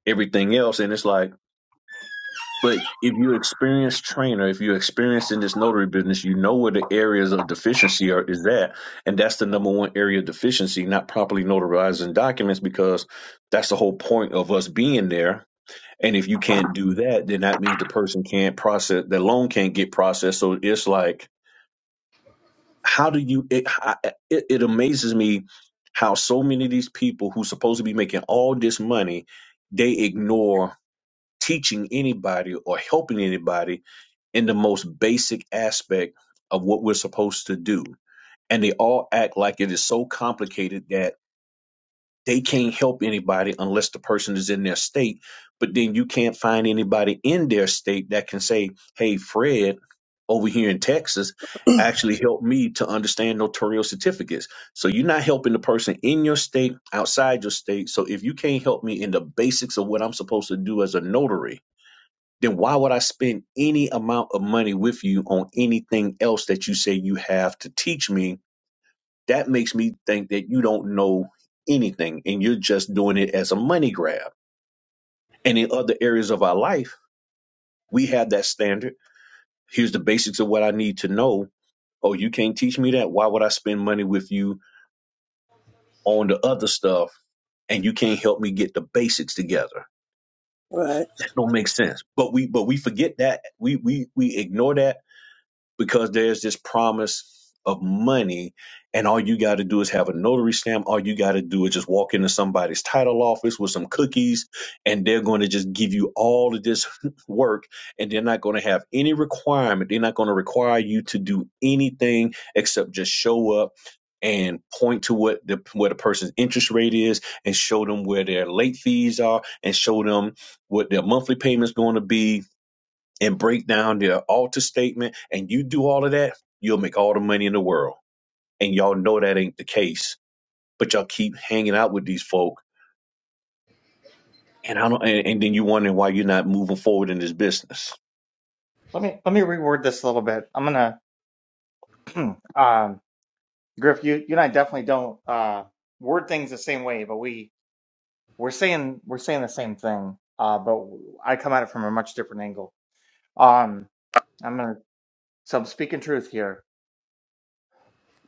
[SPEAKER 3] everything else, and it's like but if you experienced trainer, if you experienced in this notary business, you know where the areas of deficiency are is at, and that's the number one area of deficiency: not properly notarizing documents, because that's the whole point of us being there. And if you can't do that, then that means the person can't process the loan can't get processed. So it's like, how do you? It I- it, it amazes me how so many of these people who supposed to be making all this money, they ignore teaching anybody or helping anybody in the most basic aspect of what we're supposed to do. And they all act like it is so complicated that they can't help anybody unless the person is in their state. But then you can't find anybody in their state that can say, hey, Fred over here in Texas actually helped me to understand notarial certificates. So you're not helping the person in your state, outside your state. So if you can't help me in the basics of what I'm supposed to do as a notary, then why would I spend any amount of money with you on anything else that you say you have to teach me? That makes me think that you don't know anything and you're just doing it as a money grab. And in other areas of our life, we have that standard. Here's the basics of what I need to know. Oh, you can't teach me that? Why would I spend money with you on the other stuff and you can't help me get the basics together.
[SPEAKER 5] Right.
[SPEAKER 3] That don't make sense. But we but we forget that. We we we ignore that because there's this promise of money and all you got to do is have a notary stamp all you got to do is just walk into somebody's title office with some cookies and they're going to just give you all of this [laughs] work and they're not going to have any requirement they're not going to require you to do anything except just show up and point to what the what a person's interest rate is and show them where their late fees are and show them what their monthly payment's going to be and break down their alter statement and you do all of that, you'll make all the money in the world. And y'all know that ain't the case. But y'all keep hanging out with these folk and I don't and, and then you wondering why you're not moving forward in this business.
[SPEAKER 4] Let me let me reword this a little bit. I'm gonna [clears throat] um, Griff, you you and I definitely don't uh, word things the same way, but we we're saying we're saying the same thing, uh, but I come at it from a much different angle. Um, I'm gonna so I'm speaking truth here.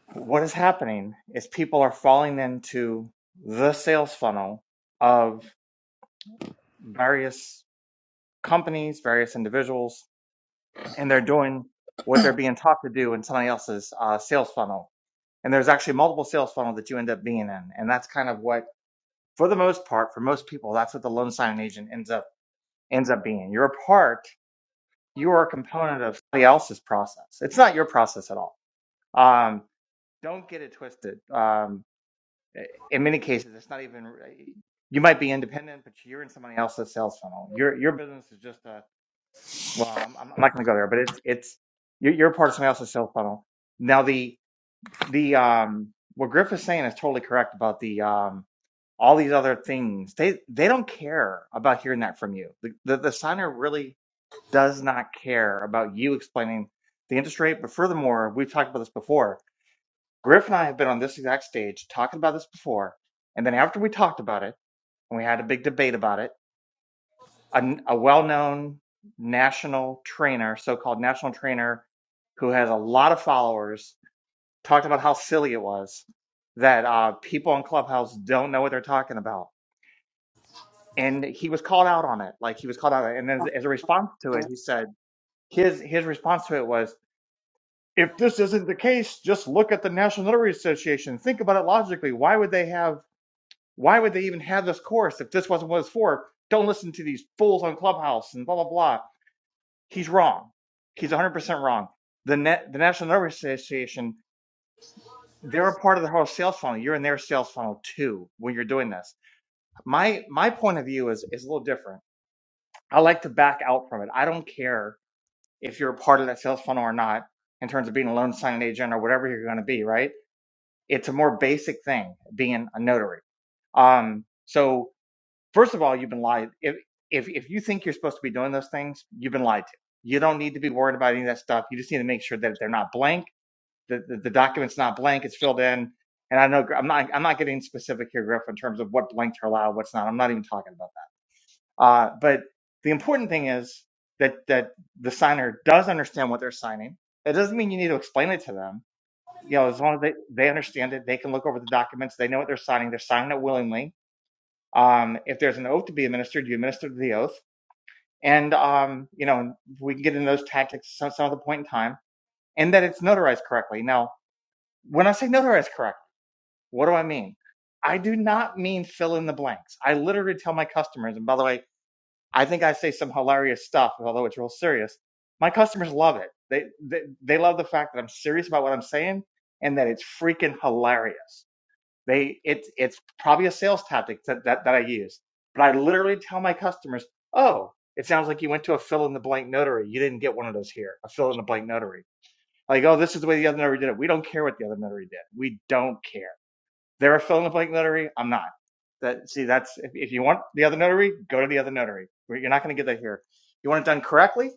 [SPEAKER 4] What is happening is people are falling into the sales funnel of various companies, various individuals, and they're doing what they're being taught to do in somebody else's uh, sales funnel. And there's actually multiple sales funnel that you end up being in, and that's kind of what, for the most part, for most people, that's what the loan signing agent ends up ends up being. You're a part you are a component of somebody else's process. It's not your process at all. Um, don't get it twisted. Um, in many cases, it's not even. uh, You might be independent, but you're in somebody else's sales funnel. Your your business is just a. Well, I'm, I'm not going to go there, but it's it's you're, you're part of somebody else's sales funnel. Now the the um, what Griff is saying is totally correct about the um, all these other things. They they don't care about hearing that from you. The the, the signer really does not care about you explaining the interest rate. But furthermore, we've talked about this before. Griff and I have been on this exact stage talking about this before. And then after we talked about it and we had a big debate about it, a, a well known national trainer, so called national trainer, who has a lot of followers, talked about how silly it was that uh, people on Clubhouse don't know what they're talking about. And he was called out on it. Like he was called out. on it. And then as a response to it, he said, his his response to it was, if this isn't the case, just look at the National Notary Association. Think about it logically. Why would they have? Why would they even have this course if this wasn't what it's for? Don't listen to these fools on Clubhouse and blah blah blah. He's wrong. He's 100% wrong. The net, the National Notary Association, they're a part of the whole sales funnel. You're in their sales funnel too when you're doing this. My my point of view is is a little different. I like to back out from it. I don't care if you're a part of that sales funnel or not in terms of being a loan signing agent or whatever you're going to be, right? It's a more basic thing being a notary. Um, so first of all, you've been lied. If, if if you think you're supposed to be doing those things, you've been lied to. You don't need to be worried about any of that stuff. You just need to make sure that they're not blank. The the, the document's not blank. It's filled in. And I know Gr- I'm not I'm not getting specific here, Griff, in terms of what blanks are allowed, what's not. I'm not even talking about that. Uh, but the important thing is that that the signer does understand what they're signing. It doesn't mean you need to explain it to them you know, as long as they, they understand it, they can look over the documents. They know what they're signing. They're signing it willingly. Um, if there's an oath to be administered, you administer the oath. And, um, you know, we can get into those tactics at some other point in time and that it's notarized correctly. Now, when I say notarized correctly, what do I mean? I do not mean fill in the blanks. I literally tell my customers, and by the way, I think I say some hilarious stuff, although it's real serious. My customers love it. They, they, they love the fact that I'm serious about what I'm saying and that it's freaking hilarious They it's it's probably a sales tactic that, that that I use. But I literally tell my customers, "Oh, it sounds like you went to a fill in the blank notary. You didn't get one of those here. A fill in the blank notary. Like, oh, this is the way the other notary did it. We don't care what the other notary did. We don't care. They're a fill in the blank notary. I'm not. That see, that's if, if you want the other notary, go to the other notary. You're not going to get that here. You want it done correctly.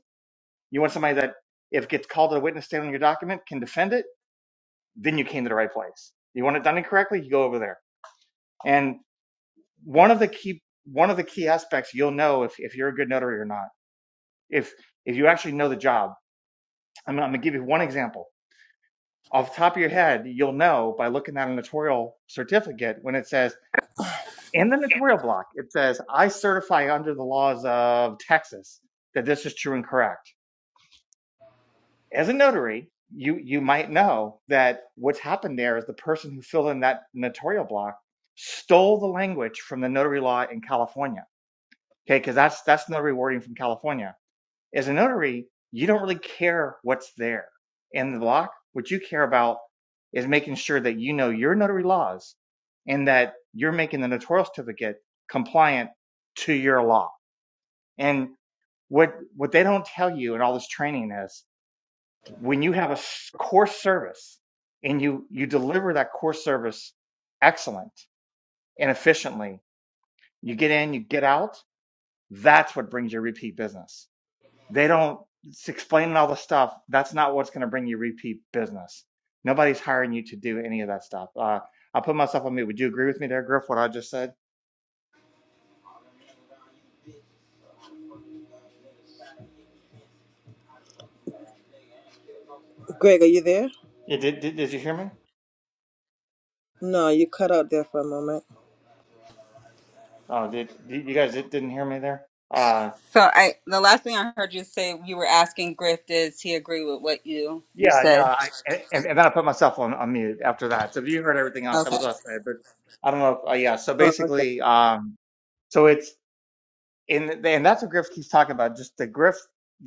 [SPEAKER 4] You want somebody that if it gets called to the witness stand on your document can defend it. Then you came to the right place. You want it done incorrectly, you go over there. and. one of the key one of the key aspects you'll know if, if you're a good notary or not if if you actually know the job i'm, I'm going to give you one example off the top of your head you'll know by looking at a notarial certificate when it says in the notarial block it says i certify under the laws of texas that this is true and correct as a notary you you might know that what's happened there is the person who filled in that notarial block stole the language from the notary law in california okay because that's that's notary wording from california As a notary, you don't really care what's there in the block. What you care about is making sure that you know your notary laws and that you're making the notarial certificate compliant to your law. And what what they don't tell you in all this training is when you have a core service and you you deliver that core service excellent and efficiently, you get in, you get out. That's what brings your repeat business. They don't it's explaining all the stuff. That's not what's going to bring you repeat business. Nobody's hiring you to do any of that stuff. Uh, I put myself on mute. Would you agree with me there, Griff? What I just said?
[SPEAKER 5] Greg, are you there?
[SPEAKER 4] Yeah, did, did did you hear me?
[SPEAKER 5] No, you cut out there for a moment.
[SPEAKER 4] Oh, did, did you guys did, didn't hear me there? Uh,
[SPEAKER 2] So I the last thing I heard you say you were asking Griff does he agree with what you you
[SPEAKER 4] yeah, no.
[SPEAKER 2] said?
[SPEAKER 4] I and, and then I put myself on, on mute after that. So if you heard everything else, that
[SPEAKER 2] Okay.
[SPEAKER 4] was what I said. But I don't know. If, uh, yeah. So
[SPEAKER 5] Oh, okay.
[SPEAKER 4] basically, um, so it's in and and that's what Griff keeps talking about. Just the Griff.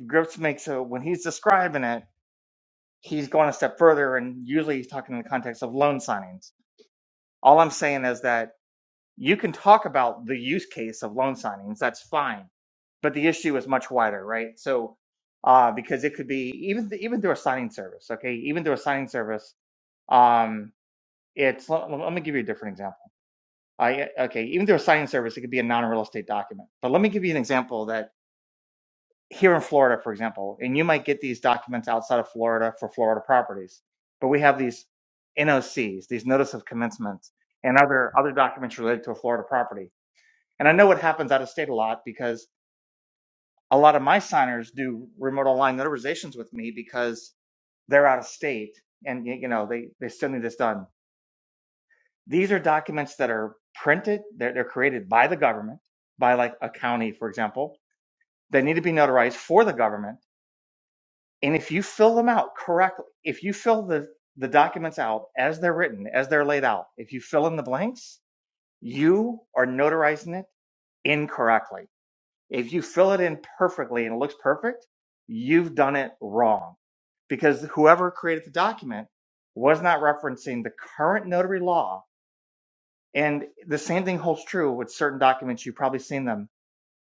[SPEAKER 4] Griff makes a when he's describing it. he's going a step further and usually he's talking in the context of loan signings. All I'm saying is that you can talk about the use case of loan signings, that's fine. But the issue is much wider, right? So uh because it could be even even through a signing service, okay? Even through a signing service, um it's let, let me give you a different example. I okay, even through a signing service it could be a non-real estate document. But let me give you an example that here in Florida, for example, and you might get these documents outside of Florida for Florida properties, but we have these NOCs, these notice of commencements, and other other documents related to a Florida property. And I know what happens out of state a lot because a lot of my signers do remote online notarizations with me because they're out of state and y- you know they they still need this done. These are documents that are printed, they're, they're created by the government, by like a county, for example. They need to be notarized for the government And if you fill them out correctly, if you fill the, the documents out as they're written, as they're laid out, if you fill in the blanks, you are notarizing it incorrectly. If you fill it in perfectly and it looks perfect, you've done it wrong because whoever created the document was not referencing the current notary law. And the same thing holds true with certain documents. You've probably seen them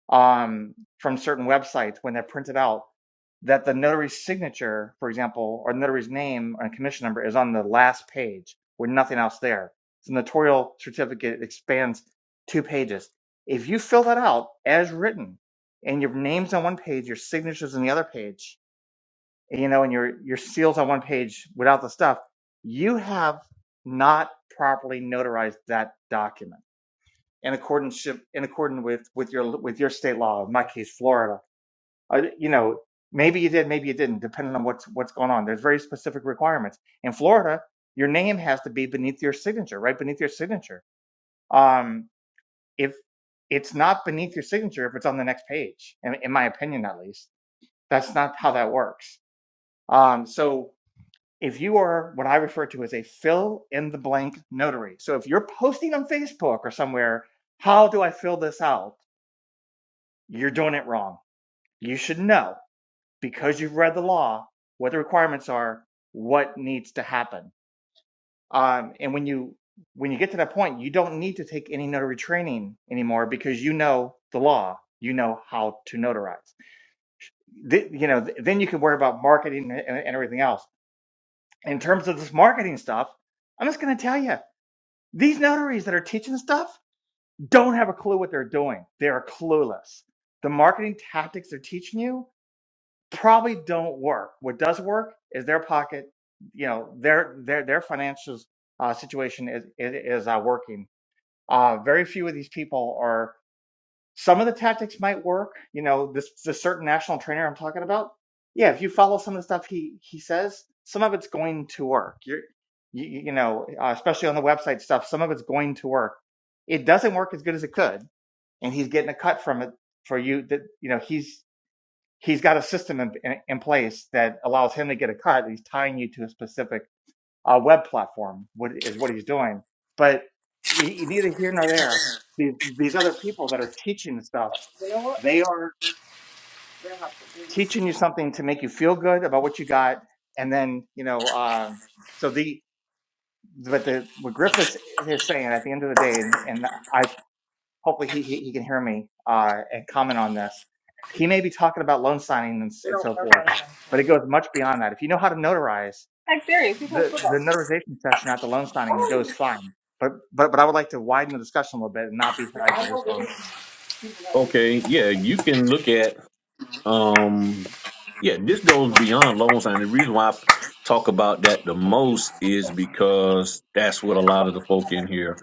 [SPEAKER 4] um, from certain websites when they're printed out that the notary's signature, for example, or notary's name and commission number is on the last page with nothing else there. So the notarial certificate expands two pages. If you fill that out as written and your name's on one page, your signature's on the other page, you know, and your, your seal's on one page without the stuff, you have not properly notarized that document in accordance in accordance with with your with your state law. In my case, Florida. Uh, you know, maybe you did, maybe you didn't, depending on what's what's going on. There's very specific requirements in Florida. Your name has to be beneath your signature, right beneath your signature. Um, if it's not beneath your signature, if it's on the next page, in, in my opinion, at least, that's not how that works. Um, so if you are what I refer to as a fill in the blank notary, so if you're posting on Facebook or somewhere, how do I fill this out? you're doing it wrong. You should know because you've read the law what the requirements are, what needs to happen. Um, and when you when you get to that point, you don't need to take any notary training anymore because you know the law. You know how to notarize. Th- you know, th- then you can worry about marketing and, and everything else. In terms of this marketing stuff, I'm just going to tell you these notaries that are teaching stuff don't have a clue what they're doing. They are clueless. The marketing tactics they're teaching you probably don't work. What does work is their pocket, you know, their their their financial uh, situation is is, is uh, working. Uh, very few of these people are. Some of the tactics might work. You know, this this certain national trainer I'm talking about. Yeah, if you follow some of the stuff he he says, some of it's going to work. You're you, you you know, uh, especially on the website stuff, some of it's going to work. It doesn't work as good as it could, and he's getting a cut from it for you. That you know, he's he's got a system in, in, in place that allows him to get a cut. He's tying you to a specific uh, web platform, what is what he's doing. But you, you neither here nor there. These, these other people that are teaching stuff,
[SPEAKER 2] You know what?
[SPEAKER 4] they are
[SPEAKER 2] They'll have to do this.
[SPEAKER 4] teaching you something to make you feel good about what you got, and then you know. Uh, so the but the what Griffiths is saying at the end of the day, and, and I. hopefully he, he, he can hear me uh, and comment on this. He may be talking about loan signing and, s-
[SPEAKER 2] They
[SPEAKER 4] and
[SPEAKER 2] don't
[SPEAKER 4] so
[SPEAKER 2] work
[SPEAKER 4] forth,
[SPEAKER 2] on it.
[SPEAKER 4] but it goes much beyond that. If you know how to notarize,
[SPEAKER 2] Like serious, he plays
[SPEAKER 4] the, the
[SPEAKER 2] football.
[SPEAKER 4] notarization session at the loan
[SPEAKER 2] I
[SPEAKER 4] signing
[SPEAKER 2] don't even
[SPEAKER 4] goes fine. But, but but I would like to widen the discussion a little bit and not be
[SPEAKER 2] know.
[SPEAKER 4] tied to
[SPEAKER 2] I know
[SPEAKER 4] just
[SPEAKER 2] there
[SPEAKER 4] loan
[SPEAKER 2] is
[SPEAKER 4] signing.
[SPEAKER 2] people out there.
[SPEAKER 3] Okay, yeah, you can look at um yeah, this goes beyond loan signing. The reason why I f- talk about that the most is because that's what a lot of the folk in here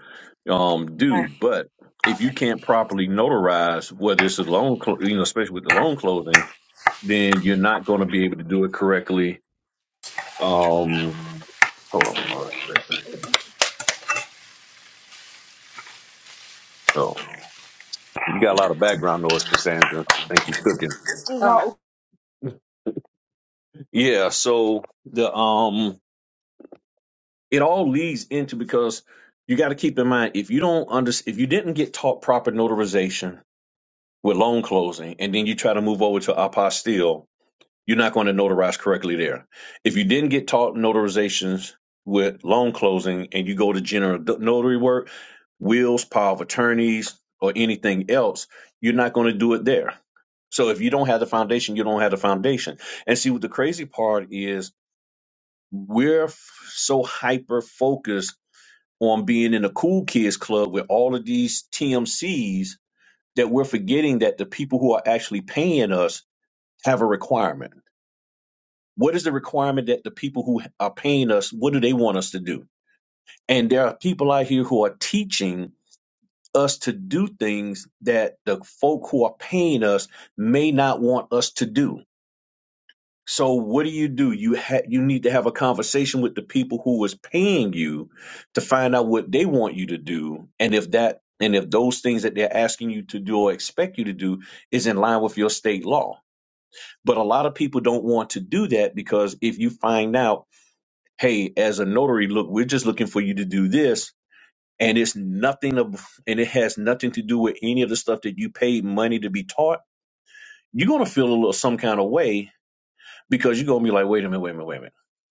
[SPEAKER 3] um
[SPEAKER 2] All
[SPEAKER 3] do.
[SPEAKER 2] right.
[SPEAKER 3] But if you can't properly notarize whether it's a loan, clo- you know, especially with the loan closing, then you're not going to be able to do it correctly. Um, hold on one second. Oh, you got a lot of background noise, Cassandra. Thank you, cooking.
[SPEAKER 2] This Okay.
[SPEAKER 3] Yeah. So the um, it all leads into because you got to keep in mind if you don't under if you didn't get taught proper notarization with loan closing, and then you try to move over to apostille, You're not going to notarize correctly there. If you didn't get taught notarizations with loan closing and you go to general notary work, wills, power of attorneys, or anything else, you're not going to do it there. So if you don't have the foundation, you don't have the foundation. And see, what the crazy part is, we're f- so hyper focused on being in the cool kids club with all of these TMCs that we're forgetting that the people who are actually paying us have a requirement. What is the requirement that the people who are paying us, what do they want us to do? And there are people out here who are teaching us to do things that the folk who are paying us may not want us to do. So what do you do? You ha- you need to have a conversation with the people who is paying you to find out what they want you to do and if that and if those things that they're asking you to do or expect you to do is in line with your state law. But a lot of people don't want to do that because if you find out hey, as a notary, look, we're just looking for you to do this. And it's nothing of, and it has nothing to do with any of the stuff that you paid money to be taught. You're going to feel a little some kind of way because you're going to be like, wait a minute, wait a minute, wait a minute.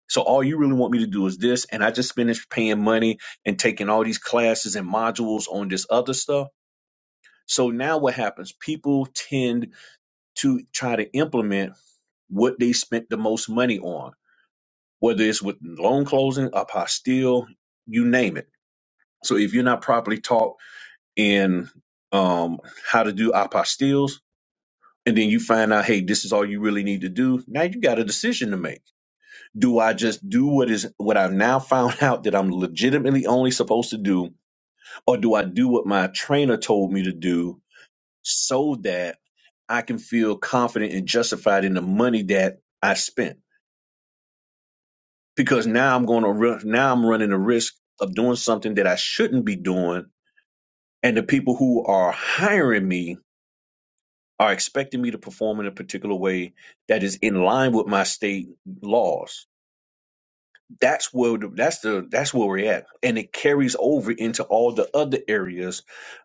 [SPEAKER 3] So all you really want me to do is this. And I just finished paying money and taking all these classes and modules on this other stuff. So now what happens? People tend to try to implement what they spent the most money on, whether it's with loan closing, apostille, you name it So if you're not properly taught in um, how to do apostilles, and then you find out, hey, this is all you really need to do. Now you got a decision to make. Do I just do what is what I've now found [laughs] out that I'm legitimately only supposed to do, or do I do what my trainer told me to do so that I can feel confident and justified in the money that I spent? Because now I'm going to run, now I'm running the risk of doing something that I shouldn't be doing, and the people who are hiring me are expecting me to perform in a particular way that is in line with my state laws. That's where the, that's the that's where we're at, and it carries over into all the other areas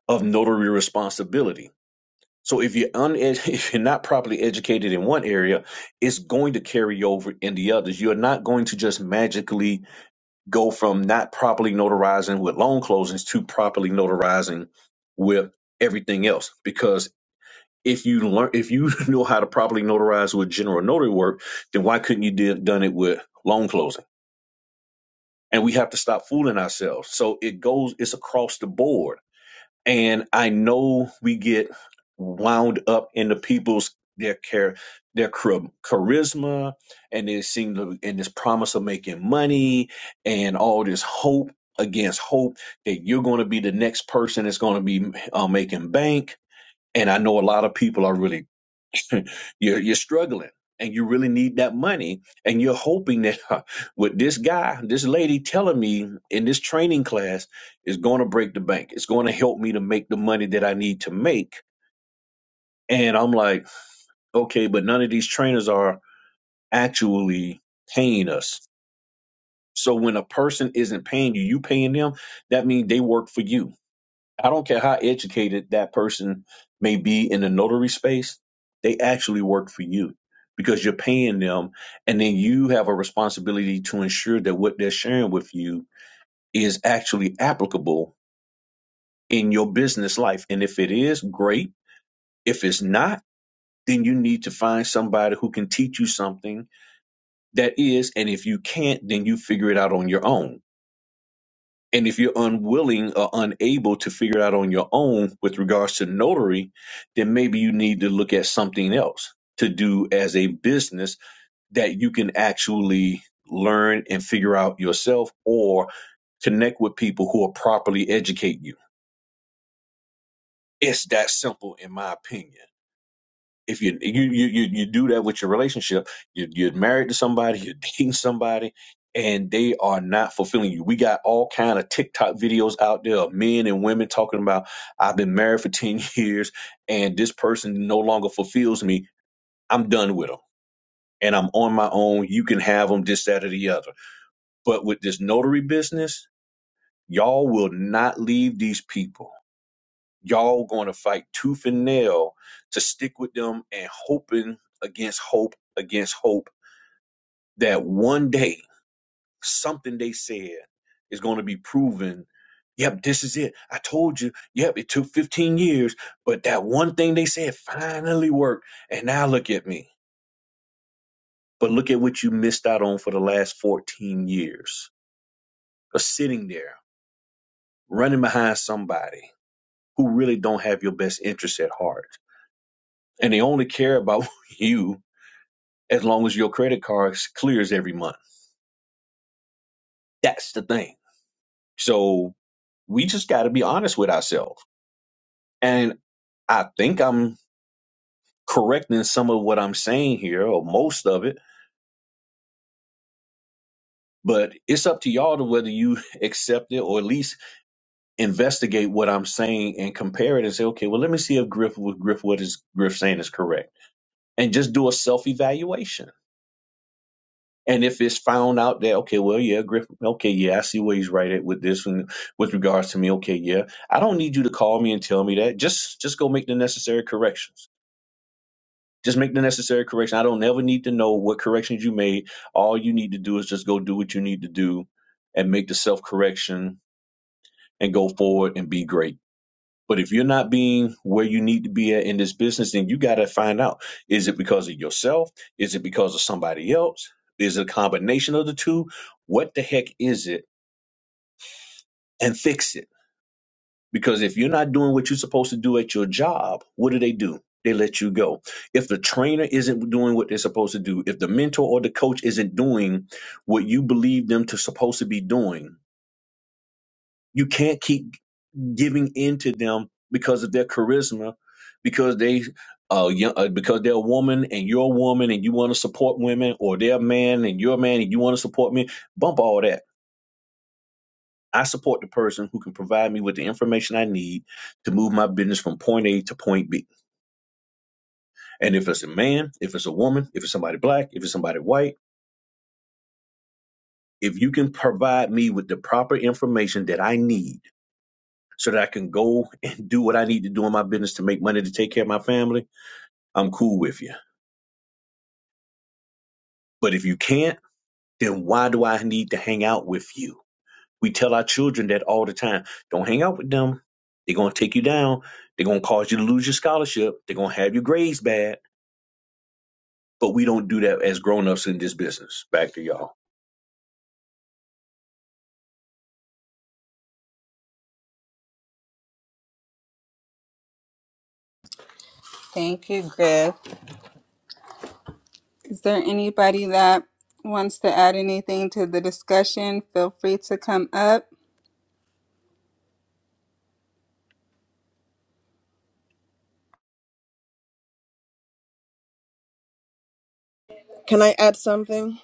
[SPEAKER 3] of notary responsibility. So if you're un- [laughs] if you're not properly educated in one area, it's going to carry over in the others. You're not going to just magically go from not properly notarizing with loan closings to properly notarizing with everything else because if you learn if you [laughs] know how to properly notarize with general notary work, then why couldn't you did done it with loan closing? And we have to stop fooling ourselves. So it goes it's across the board. And I know we get wound up into people's their care their char- charisma and they seem to and this promise of making money and all this hope against hope that you're going to be the next person that's going to be uh, making bank and i know a lot of people are really [laughs] you're you're struggling and you really need that money and you're hoping that [laughs] huh, with this guy this lady telling me in this training class is going to break the bank it's going to help me to make the money that i need to make and i'm like okay but none of these trainers are actually paying us so when a person isn't paying you you paying them that means they work for you I don't care how educated that person may be in the notary space, they actually work for you because you're paying them. And then you have a responsibility to ensure that what they're sharing with you is actually applicable in your business life. And if it is, great. If it's not, then you need to find somebody who can teach you something that is. And if you can't, then you figure it out on your own And if you're unwilling or unable to figure out on your own with regards to notary, then maybe you need to look at something else to do as a business that you can actually learn and figure out yourself or connect with people who will properly educate you. It's that simple, in my opinion if you you you you, you do that with your relationship, you, you're married to somebody, [laughs] you're dating somebody, and they are not fulfilling you. We got all kind of TikTok videos out there of men and women talking about I've been married for ten [laughs] years and this person no longer fulfills me. I'm done with them and I'm on my own. You can have them this, that, or the other. But with this notary business, y'all will not leave these people y'all going to fight tooth and nail to stick with them and hoping against hope against hope that one day something they said is going to be proven yep this is it i told you yep it took 15 years but that one thing they said finally worked and now look at me but look at what you missed out on for the last 14 years of sitting there running behind somebody who really don't have your best interests at heart and they only care about [laughs] you as long as your credit card clears every month. That's the thing. So we just got to be honest with ourselves. And I think I'm correcting some of what I'm saying here, or most of it, but it's up to y'all to whether you [laughs] accept it or at least investigate what I'm saying and compare it and say, okay, well, let me see if Griff, what Griff, what is Griff saying is correct, and just do a self evaluation And if it's found out that okay, well, yeah, Griffin, okay, yeah, I see where he's right at with this one with regards to me. Okay, yeah, I don't need you to call me and tell me that. Just just go make the necessary corrections. Just make the necessary correction. I don't ever need to know what corrections you made. All you need to do is just go do what you need to do and make the self correction and go forward and be great. But if you're not being where you need to be at in this business, then you got to find out is it because of yourself? Is it because of somebody else? Is it a combination of the two? What the heck is it? And fix it. Because if you're not doing what you're supposed to do at your job, what do they do? They let you go. If the trainer isn't doing what they're supposed to do, if the mentor or the coach isn't doing what you believe them to supposed to be doing, you can't keep giving in to them because of their charisma, because they uh, young, uh because they're a woman and you're a woman and you want to support women, or they're a man and you're a man and you want to support me. Bump all that. I support the person who can provide me with the information I need to move my business from point A to point B. And if it's a man, if it's a woman, if it's somebody black, if it's somebody white, if you can provide me with the proper information that I need so that I can go and do what I need to do in my business to make money to take care of my family, I'm cool with you But if you can't, then why do I need to hang out with you? We tell our children that all the time. Don't hang out with them. They're going to take you down. They're going to cause you to lose your scholarship. They're going to have your grades bad. But we don't do that as grown-ups in this business. Back to y'all.
[SPEAKER 2] Thank you, Griff. Is there anybody that wants to add anything to the discussion? Feel free to come up.
[SPEAKER 5] Can I add something?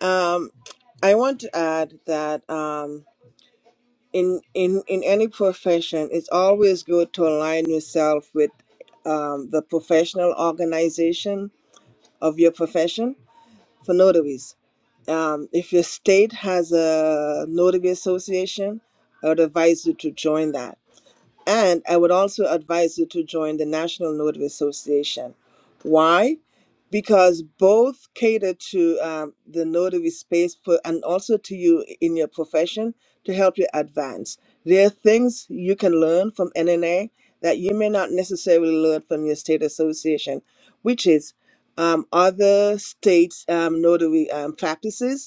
[SPEAKER 5] Um, I want to add that um, in in in any profession, it's always good to align yourself with um, the professional organization of your profession for notaries. Um, if your state has a notary association, I would advise you to join that. And I would also advise you to join the National Notary Association. Why? Because both cater to um, the notary space for, and also to you in your profession to help you advance. There are things you can learn from NNA that you may not necessarily learn from your state association, which is um, other states' um, notary um, practices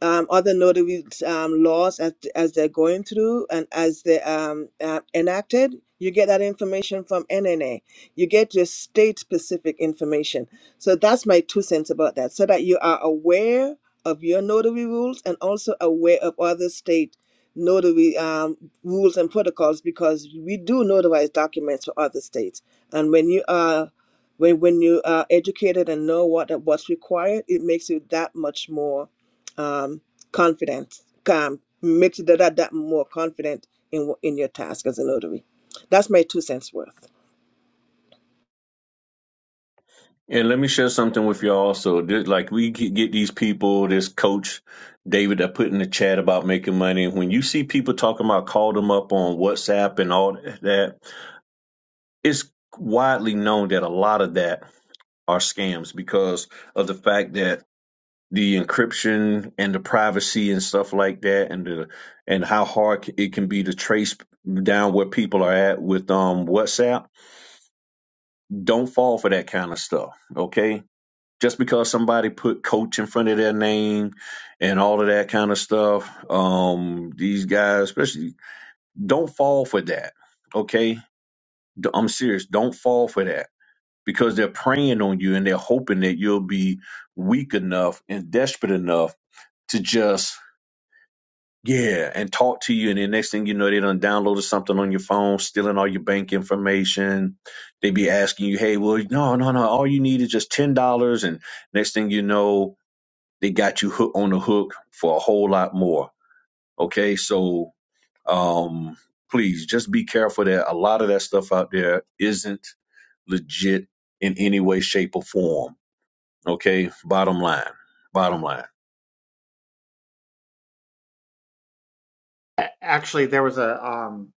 [SPEAKER 5] um, other notary um, laws as, as they're going through and as they're um, uh, enacted. You get that information from NNA. You get your state specific information. So that's my two cents about that, so that you are aware of your notary rules and also aware of other state notary um, rules and protocols because we do notarize documents for other states. And when you are when, when you are educated and know what what's required, it makes you that much more um, confidence, calm, makes you that, that that more confident in wh- in your task as a notary. That's my two cents worth.
[SPEAKER 3] And let me share something with y'all. Also, There- like we get these people, this coach David that put in the chat about making money. And When you see people talking about call them up on WhatsApp and all that, it's widely known that a lot of that are scams because of the fact that the encryption and the privacy and stuff like that and the and how hard it can be to trace down where people are at with um WhatsApp don't fall for that kind of stuff okay just because somebody put coach in front of their name and all of that kind of stuff um these guys especially don't fall for that okay D- I'm serious don't fall for that because they're preying on you and they're hoping that you'll be weak enough and desperate enough to just yeah and talk to you and the next thing you know they done downloaded something on your phone stealing all your bank information they be asking you hey well no no no all you need is just ten dollars and next thing you know they got you hook on the hook for a whole lot more okay so um please just be careful that a lot of that stuff out there isn't legit in any way shape or form Okay, bottom line. Bottom line.
[SPEAKER 4] A- Actually, there was a um,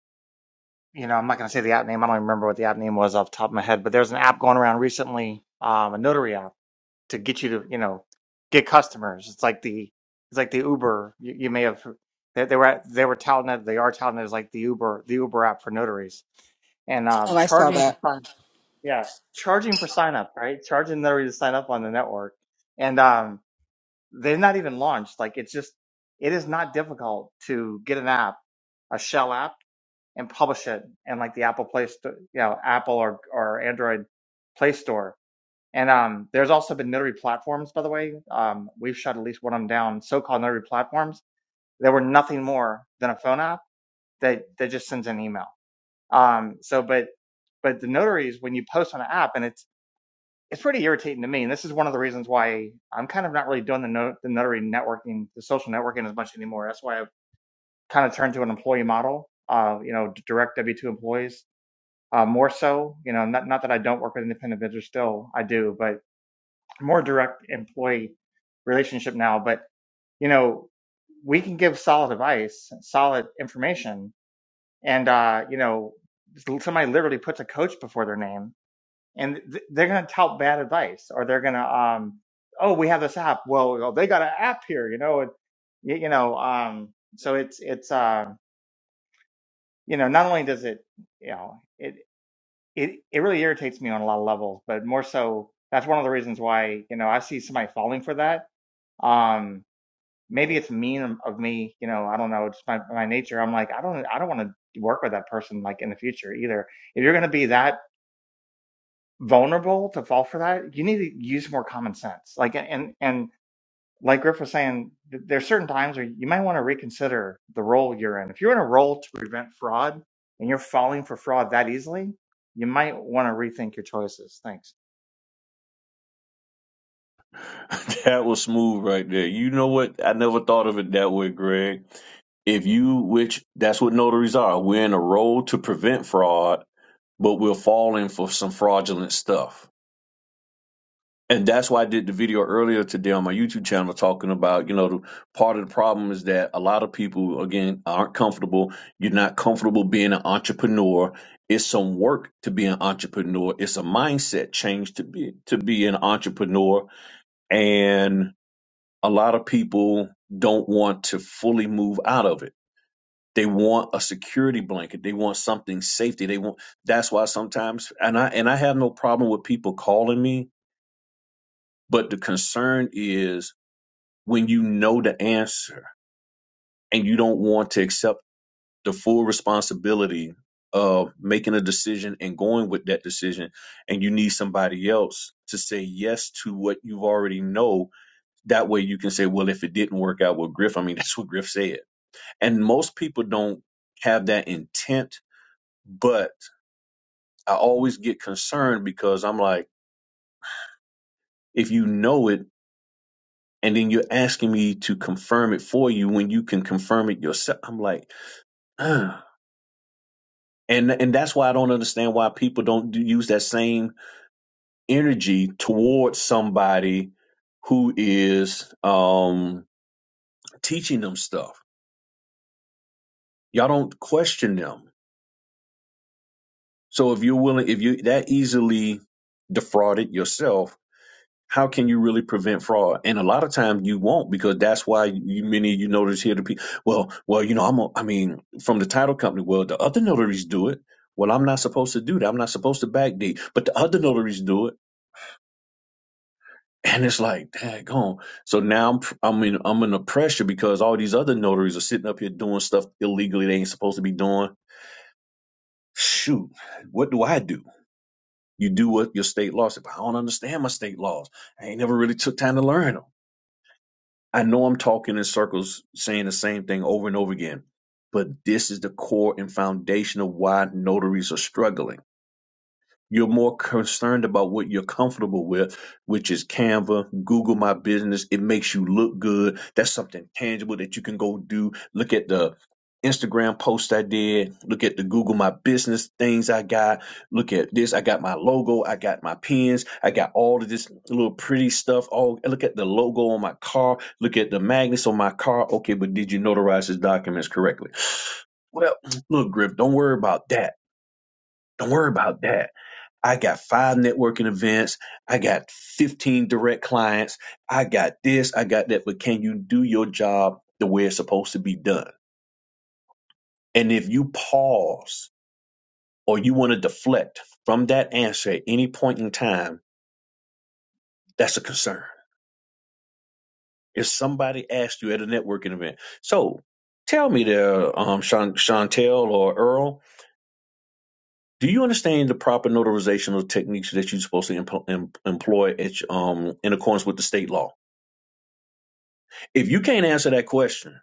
[SPEAKER 4] you know I'm not going to say the app name. I don't even remember what the app name was off the top of my head, but there's an app going around recently, um, a notary app to get you to you know get customers. It's like the it's like the Uber. You, you may have they, they were at, they were touting it. They are touting it as like the Uber the Uber app for notaries and um,
[SPEAKER 2] Oh, I saw
[SPEAKER 4] charging for
[SPEAKER 2] that.
[SPEAKER 4] sign yeah charging for sign up right charging notaries to sign up on the network and um, they've not even launched. Like it's just it is not difficult to get an app a shell app and publish it in like the Apple Play Store, you know Apple or or Android Play Store and um, there's also been notary platforms, by the way. Um, we've shut at least one of them down, so-called notary platforms. They were nothing more than a phone app that that just sends an email. Um, so, but but the notaries, when you post on an app, and it's it's pretty irritating to me. And this is one of the reasons why I'm kind of not really doing the, no, the notary networking, the social networking as much anymore. That's why I've kind of turned to an employee model. Uh, you know, direct W two employees uh, more so. You know, not not that I don't work with independent vendors still, I do, but more direct employee relationship now, but you know, we can give solid advice, solid information, and uh, you know, somebody literally puts a coach before their name, and th- they're going to tout bad advice, or they're going to, um, oh, we have this app. Well, well, they got an app here, you know, and you, you know, um, so it's it's uh, you know, not only does it, you know, it it it really irritates me on a lot of levels, but more so, that's one of the reasons why you know I see somebody falling for that. Um, maybe it's mean of me, you know, I don't know, just my, my nature. I'm like, I don't, I don't want to work with that person like in the future either. If you're going to be that vulnerable to fall for that, you need to use more common sense. Like, and, and like Griff was saying, th- there's certain times where you might want to reconsider the role you're in. If you're in a role to prevent fraud and you're falling for fraud that easily, you might want to rethink your choices. Thanks.
[SPEAKER 3] [laughs] that was smooth right there. You know what? I never thought of it that way, Greg. If you, which that's what notaries are, we're in a role to prevent fraud, but we're falling for some fraudulent stuff. And that's why I did the video earlier today on my YouTube channel talking about, you know, the, part of the problem is that a lot of people, again, aren't comfortable. You're not comfortable being an entrepreneur. It's some work to be an entrepreneur. It's a mindset change to be to be an entrepreneur and a lot of people don't want to fully move out of it they want a security blanket they want something safety they want that's why sometimes and i and i have no problem with people calling me but the concern is when you know the answer and you don't want to accept the full responsibility of making a decision and going with that decision and you need somebody else to say yes to what you already know That way you can say, well, if it didn't work out with Griff, I mean, [laughs] that's what Griff said. And most people don't have that intent, but I always get concerned because I'm like, if you know it, and then you're asking me to confirm it for you when you can confirm it yourself. I'm like, ah. and and that's why I don't understand why people don't do, use that same energy towards somebody who is um, teaching them stuff. Y'all don't question them So if you're willing, if you that easily defrauded yourself, how can you really prevent fraud? And a lot of times you won't because that's why you many of you notice here the people. Well, well, you know, I'm. A, I mean, from the title company, well, the other notaries do it. Well, I'm not supposed to do that. I'm not supposed to backdate, but the other notaries do it. And it's like, daggone. So now I'm, I'm in, I'm in the pressure because all these other notaries are sitting up here doing stuff illegally they ain't supposed to be doing. Shoot, what do I do? You do what your state law said. But I don't understand my state laws. I ain't never really took time to learn them. I know I'm talking in circles, saying the same thing over and over again, but this is the core and foundation of why notaries are struggling you're more concerned about what you're comfortable with, which is Canva, Google My Business. It makes you look good. That's something tangible that you can go do. Look at the Instagram post I did. Look at the Google My Business things I got. Look at this. I got my logo. I got my pins. I got all of this little pretty stuff. All look at the logo on my car. Look at the magnets on my car. Okay, but did you notarize his documents correctly? Well, [clears throat] look, Griff, don't worry about that. Don't worry about that I got five networking events. I got 15 direct clients. I got this, I got that. But can you do your job the way it's supposed to be done? And if you pause or you want to deflect from that answer at any point in time, that's a concern. If somebody asked you at a networking event, so tell me there, um, Shan- Chantel or Earl, do you understand the proper notarizational techniques that you're supposed to empl- em- employ at, um, in accordance with the state law? If you can't answer that question,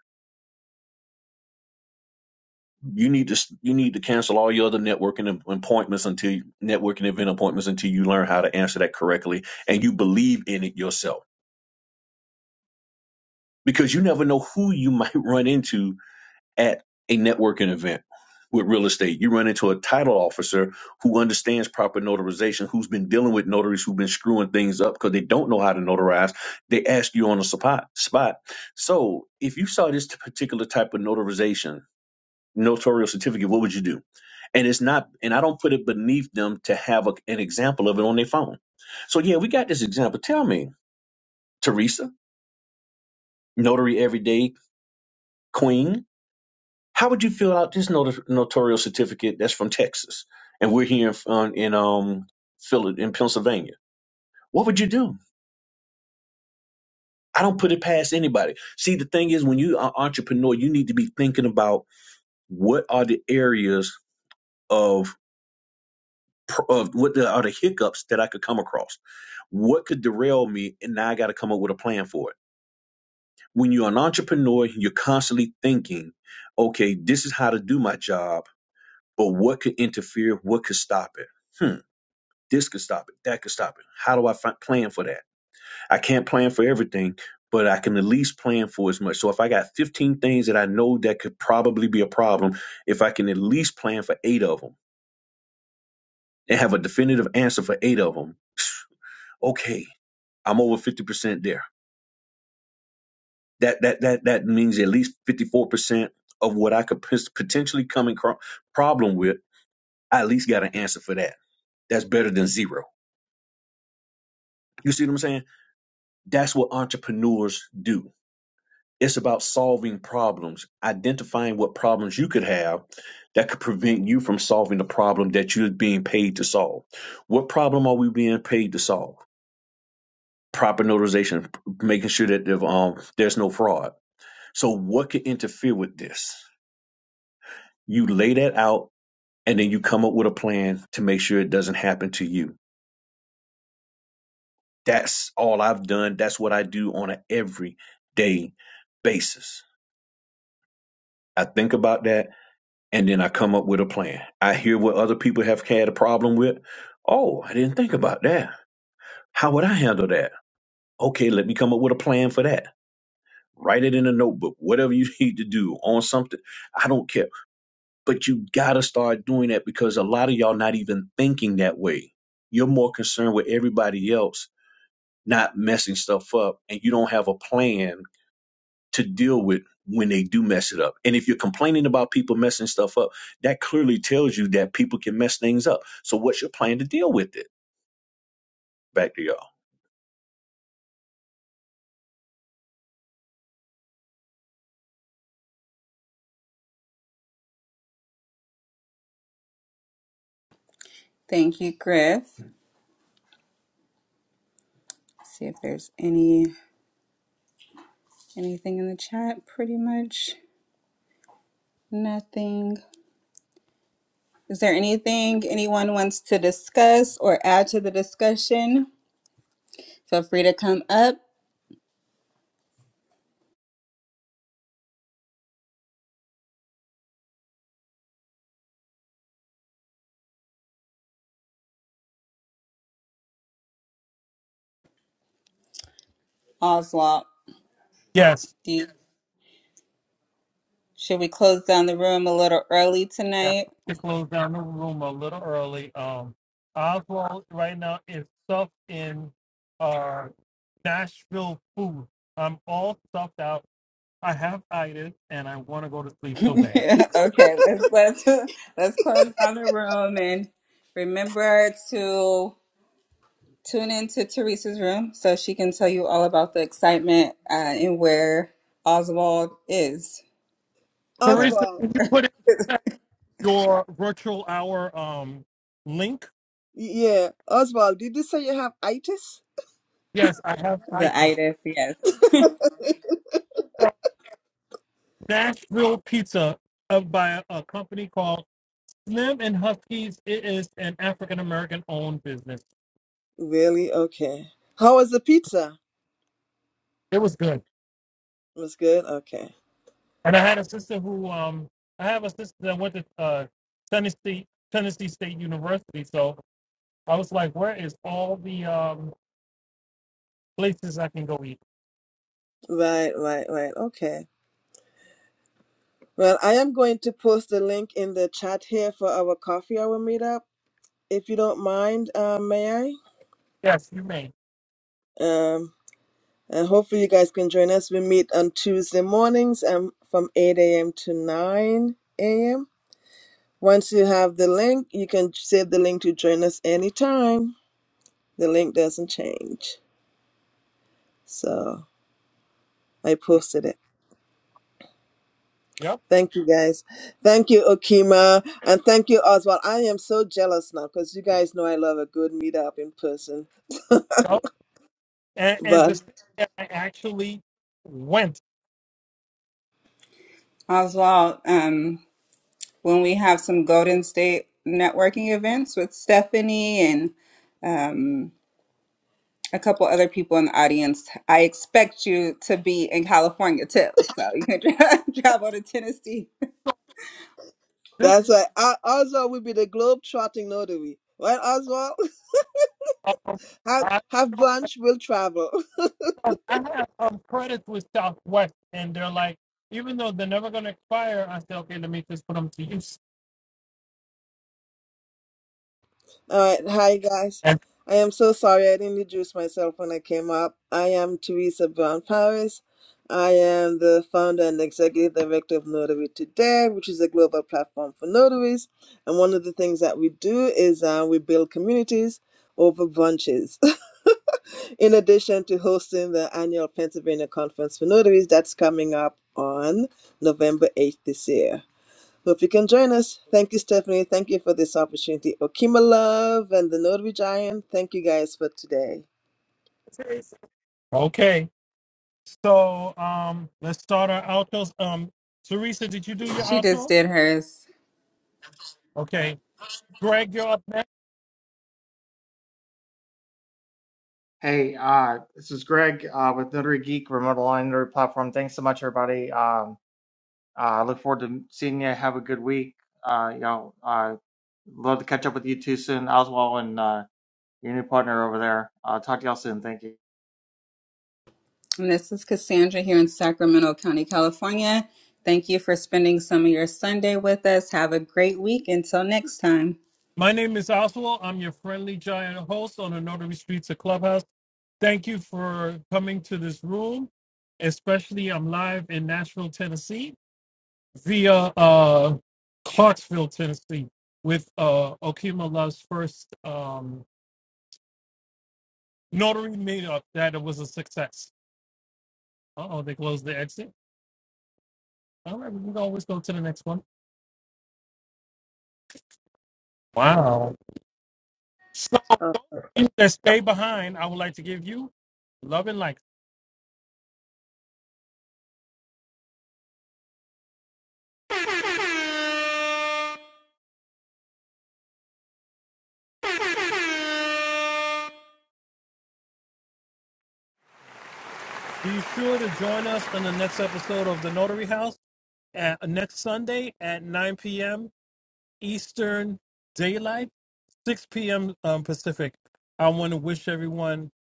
[SPEAKER 3] you need to you need to cancel all your other networking appointments until you- networking event appointments until you learn how to answer that correctly and you believe in it yourself because you never know who you might [laughs] run into at a networking event with real estate. You run into a title officer who understands proper notarization, who's been dealing with notaries who've been screwing things up because they don't know how to notarize. They ask you on the spot. Spot. So if you saw this particular type of notarization notarial certificate, what would you do? And it's not, and I don't put it beneath them to have a, an example of it on their phone. So yeah, we got this example. Tell me, Teresa, notary everyday queen, how would you fill out this not- notarial certificate that's from Texas, and we're here in um, in um Phil- in Pennsylvania? What would you do? I don't put it past anybody. See, the thing is, when you are entrepreneur, you need to be thinking about what are the areas of pr- of what the, are the hiccups that I could come across What could derail me? And now I got to come up with a plan for it. When you're an entrepreneur, you're constantly thinking, okay, this is how to do my job, but what could interfere? What could stop it? Hmm, this could stop it. That could stop it. How do I fi- plan for that? I can't plan for everything, but I can at least plan for as much. So if I got 15 things that I know that could probably be a problem, if I can at least plan for eight of them and have a definitive answer for eight of them, okay, I'm over 50% there that that that that means at least 54% of what I could pos- potentially come in cro- problem with, I at least got an answer for that. That's better than zero. You see what I'm saying? That's what entrepreneurs do. It's about solving problems, identifying what problems you could have that could prevent you from solving the problem that you're being paid to solve. What problem are we being paid to solve? Proper notarization, making sure that um, there's no fraud. So, what could interfere with this? You lay that out and then you come up with a plan to make sure it doesn't happen to you. That's all I've done. That's what I do on an everyday basis. I think about that and then I come up with a plan. I hear what other people have had a problem with. Oh, I didn't think about that. How would I handle that? Okay, let me come up with a plan for that. Write it in a notebook, whatever you [laughs] need to do on something. I don't care. But you got to start doing that because a lot of y'all not even thinking that way. You're more concerned with everybody else not messing stuff up and you don't have a plan to deal with when they do mess it up. And if you're complaining about people messing stuff up, that clearly tells you that people can mess things up. So what's your plan to deal with it? Back to y'all.
[SPEAKER 2] Thank you, Griff. See if there's any anything in the chat. Pretty much nothing. Is there anything anyone wants to discuss or add to the discussion? Feel free to come up. Oswald,
[SPEAKER 1] Yes.
[SPEAKER 2] do you, should we close down the room a little early
[SPEAKER 1] Yeah.
[SPEAKER 2] tonight?
[SPEAKER 1] Just closed down the room a little early. Um, Oswald right now is stuffed in uh Nashville food. I'm all stuffed out. I have itis and I want to go to sleep so
[SPEAKER 2] [laughs]
[SPEAKER 1] bad.
[SPEAKER 2] Yeah, okay, let's let's [laughs] let's close down the room and remember to tune into Teresa's room so she can tell you all about the excitement uh, and where Oswald is or
[SPEAKER 1] Teresa,
[SPEAKER 5] Oswald,
[SPEAKER 1] can you put in your virtual hour um link?
[SPEAKER 5] yeah, Oswald, did you say you have itis?
[SPEAKER 1] Yes, I have
[SPEAKER 2] the
[SPEAKER 1] itis.
[SPEAKER 2] itis. Yes,
[SPEAKER 1] Nashville pizza uh, by a a company called Slim and Huskies. It is an African American owned business.
[SPEAKER 5] Really? Okay. How was the pizza?
[SPEAKER 1] It was good.
[SPEAKER 5] It was good. Okay.
[SPEAKER 1] And I had a sister who um I have a sister that went to uh Tennessee Tennessee State University. So I was like, where is all the um places I can go eat?
[SPEAKER 5] Right, right, right. Okay. Well, I am going to post the link in the chat here for our coffee hour meetup. If you don't mind, uh, may
[SPEAKER 1] Yes, you may.
[SPEAKER 5] I? Um, and hopefully you guys can join us. We meet on Tuesday mornings um, from 8 a.m. to 9 a.m. Once you have the link, you can save the link to join us anytime. The link doesn't change. So I posted it.
[SPEAKER 1] Yep.
[SPEAKER 5] Thank you guys. Thank you, Okima. And thank you, Oswald. I am so jealous now because you guys know I love a good meetup in person.
[SPEAKER 1] and and
[SPEAKER 5] but.
[SPEAKER 1] just that I actually went.
[SPEAKER 2] Oswald. Um, when we have some Golden State networking events with Stephanie and um. A couple other people in the audience. I expect you to be in California too, so you can [laughs] tra- travel to Tennessee.
[SPEAKER 1] This
[SPEAKER 5] That's why Uh, Oswald will be the globe trotting notary. Right, Oswald? [laughs]
[SPEAKER 1] um,
[SPEAKER 5] Have
[SPEAKER 1] I,
[SPEAKER 5] have brunch, we'll travel. [laughs]
[SPEAKER 1] I have um, credits with Southwest, and they're like, even though they're never gonna expire, I say, okay, let me just put them to use.
[SPEAKER 5] All right. Hi guys.
[SPEAKER 1] And
[SPEAKER 5] I am so sorry I didn't introduce myself when I came up. I am Teresa Brown Paris. I am the founder and executive director of Notary Today, which is a global platform for notaries. And one of the things that we do is uh, we build communities over brunches. In addition to hosting the annual Pennsylvania Conference for Notaries that's coming up on November 8th this year. Hope you can join us. Thank you, Stephanie. Thank you for this opportunity. Okima Love and the Notary Giant, thank you guys for today.
[SPEAKER 1] okay, so um, let's start our outros. Um, Teresa, did you do your
[SPEAKER 2] She just
[SPEAKER 1] outro?
[SPEAKER 2] did hers.
[SPEAKER 1] Okay, Greg, you're up next.
[SPEAKER 4] Hey, uh, this is Greg uh, with Notary Geek Remote Online Notary Platform. Thanks so much, everybody. Um, Uh, I look forward to seeing you. Have a good week. Uh, y'all, uh, love to catch up with you too soon, Oswald and uh, your new partner over there. Uh, talk to y'all soon. Thank you.
[SPEAKER 2] And this is Cassandra here in Sacramento County, California. Thank you for spending some of your Sunday with us. Have a great week. Until next time.
[SPEAKER 1] My name is Oswald. I'm your friendly giant host on the Notary Streets of Clubhouse. Thank you for coming to this room. Especially, I'm live in Nashville, Tennessee, via uh, Clarksville, Tennessee, with uh, Okima Love's first um, notary meetup. That it was a success. Uh oh, they closed the exit. All right, we can always go to the next one. Wow. So,
[SPEAKER 5] Uh,
[SPEAKER 1] that stay behind, I would like to give you love and light. Be sure to join us on the next episode of The Notary House at uh, next Sunday at 9 p.m. Eastern Daylight, 6 p.m. Um, Pacific. I want to wish everyone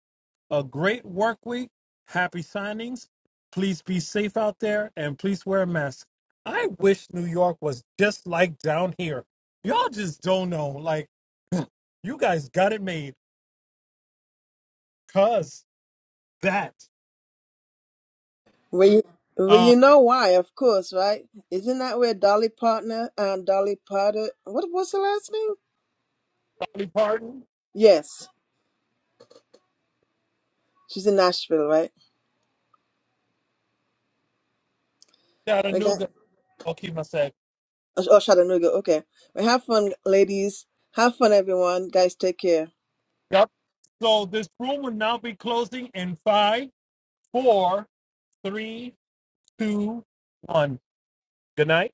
[SPEAKER 1] a great work week, happy signings. Please be safe out there and please wear a mask. I wish New York was just like down here. Y'all just don't know. Like, [clears throat] you guys got it made. Cause that.
[SPEAKER 5] well, you, well,
[SPEAKER 1] Uh,
[SPEAKER 5] you know why, of course, right? Isn't that where Dolly Partner and Dolly Potter, what was her last name?
[SPEAKER 1] Dolly Parton,
[SPEAKER 5] Yes, she's in Nashville, right? We got,
[SPEAKER 1] Chattanooga. I'll keep my sack.
[SPEAKER 5] oh, Chattanooga. Okay. Well, have fun, ladies. Have fun, everyone. Guys, take care.
[SPEAKER 1] Y'all So this room will now be closing in five, four, three, two, one. Good night.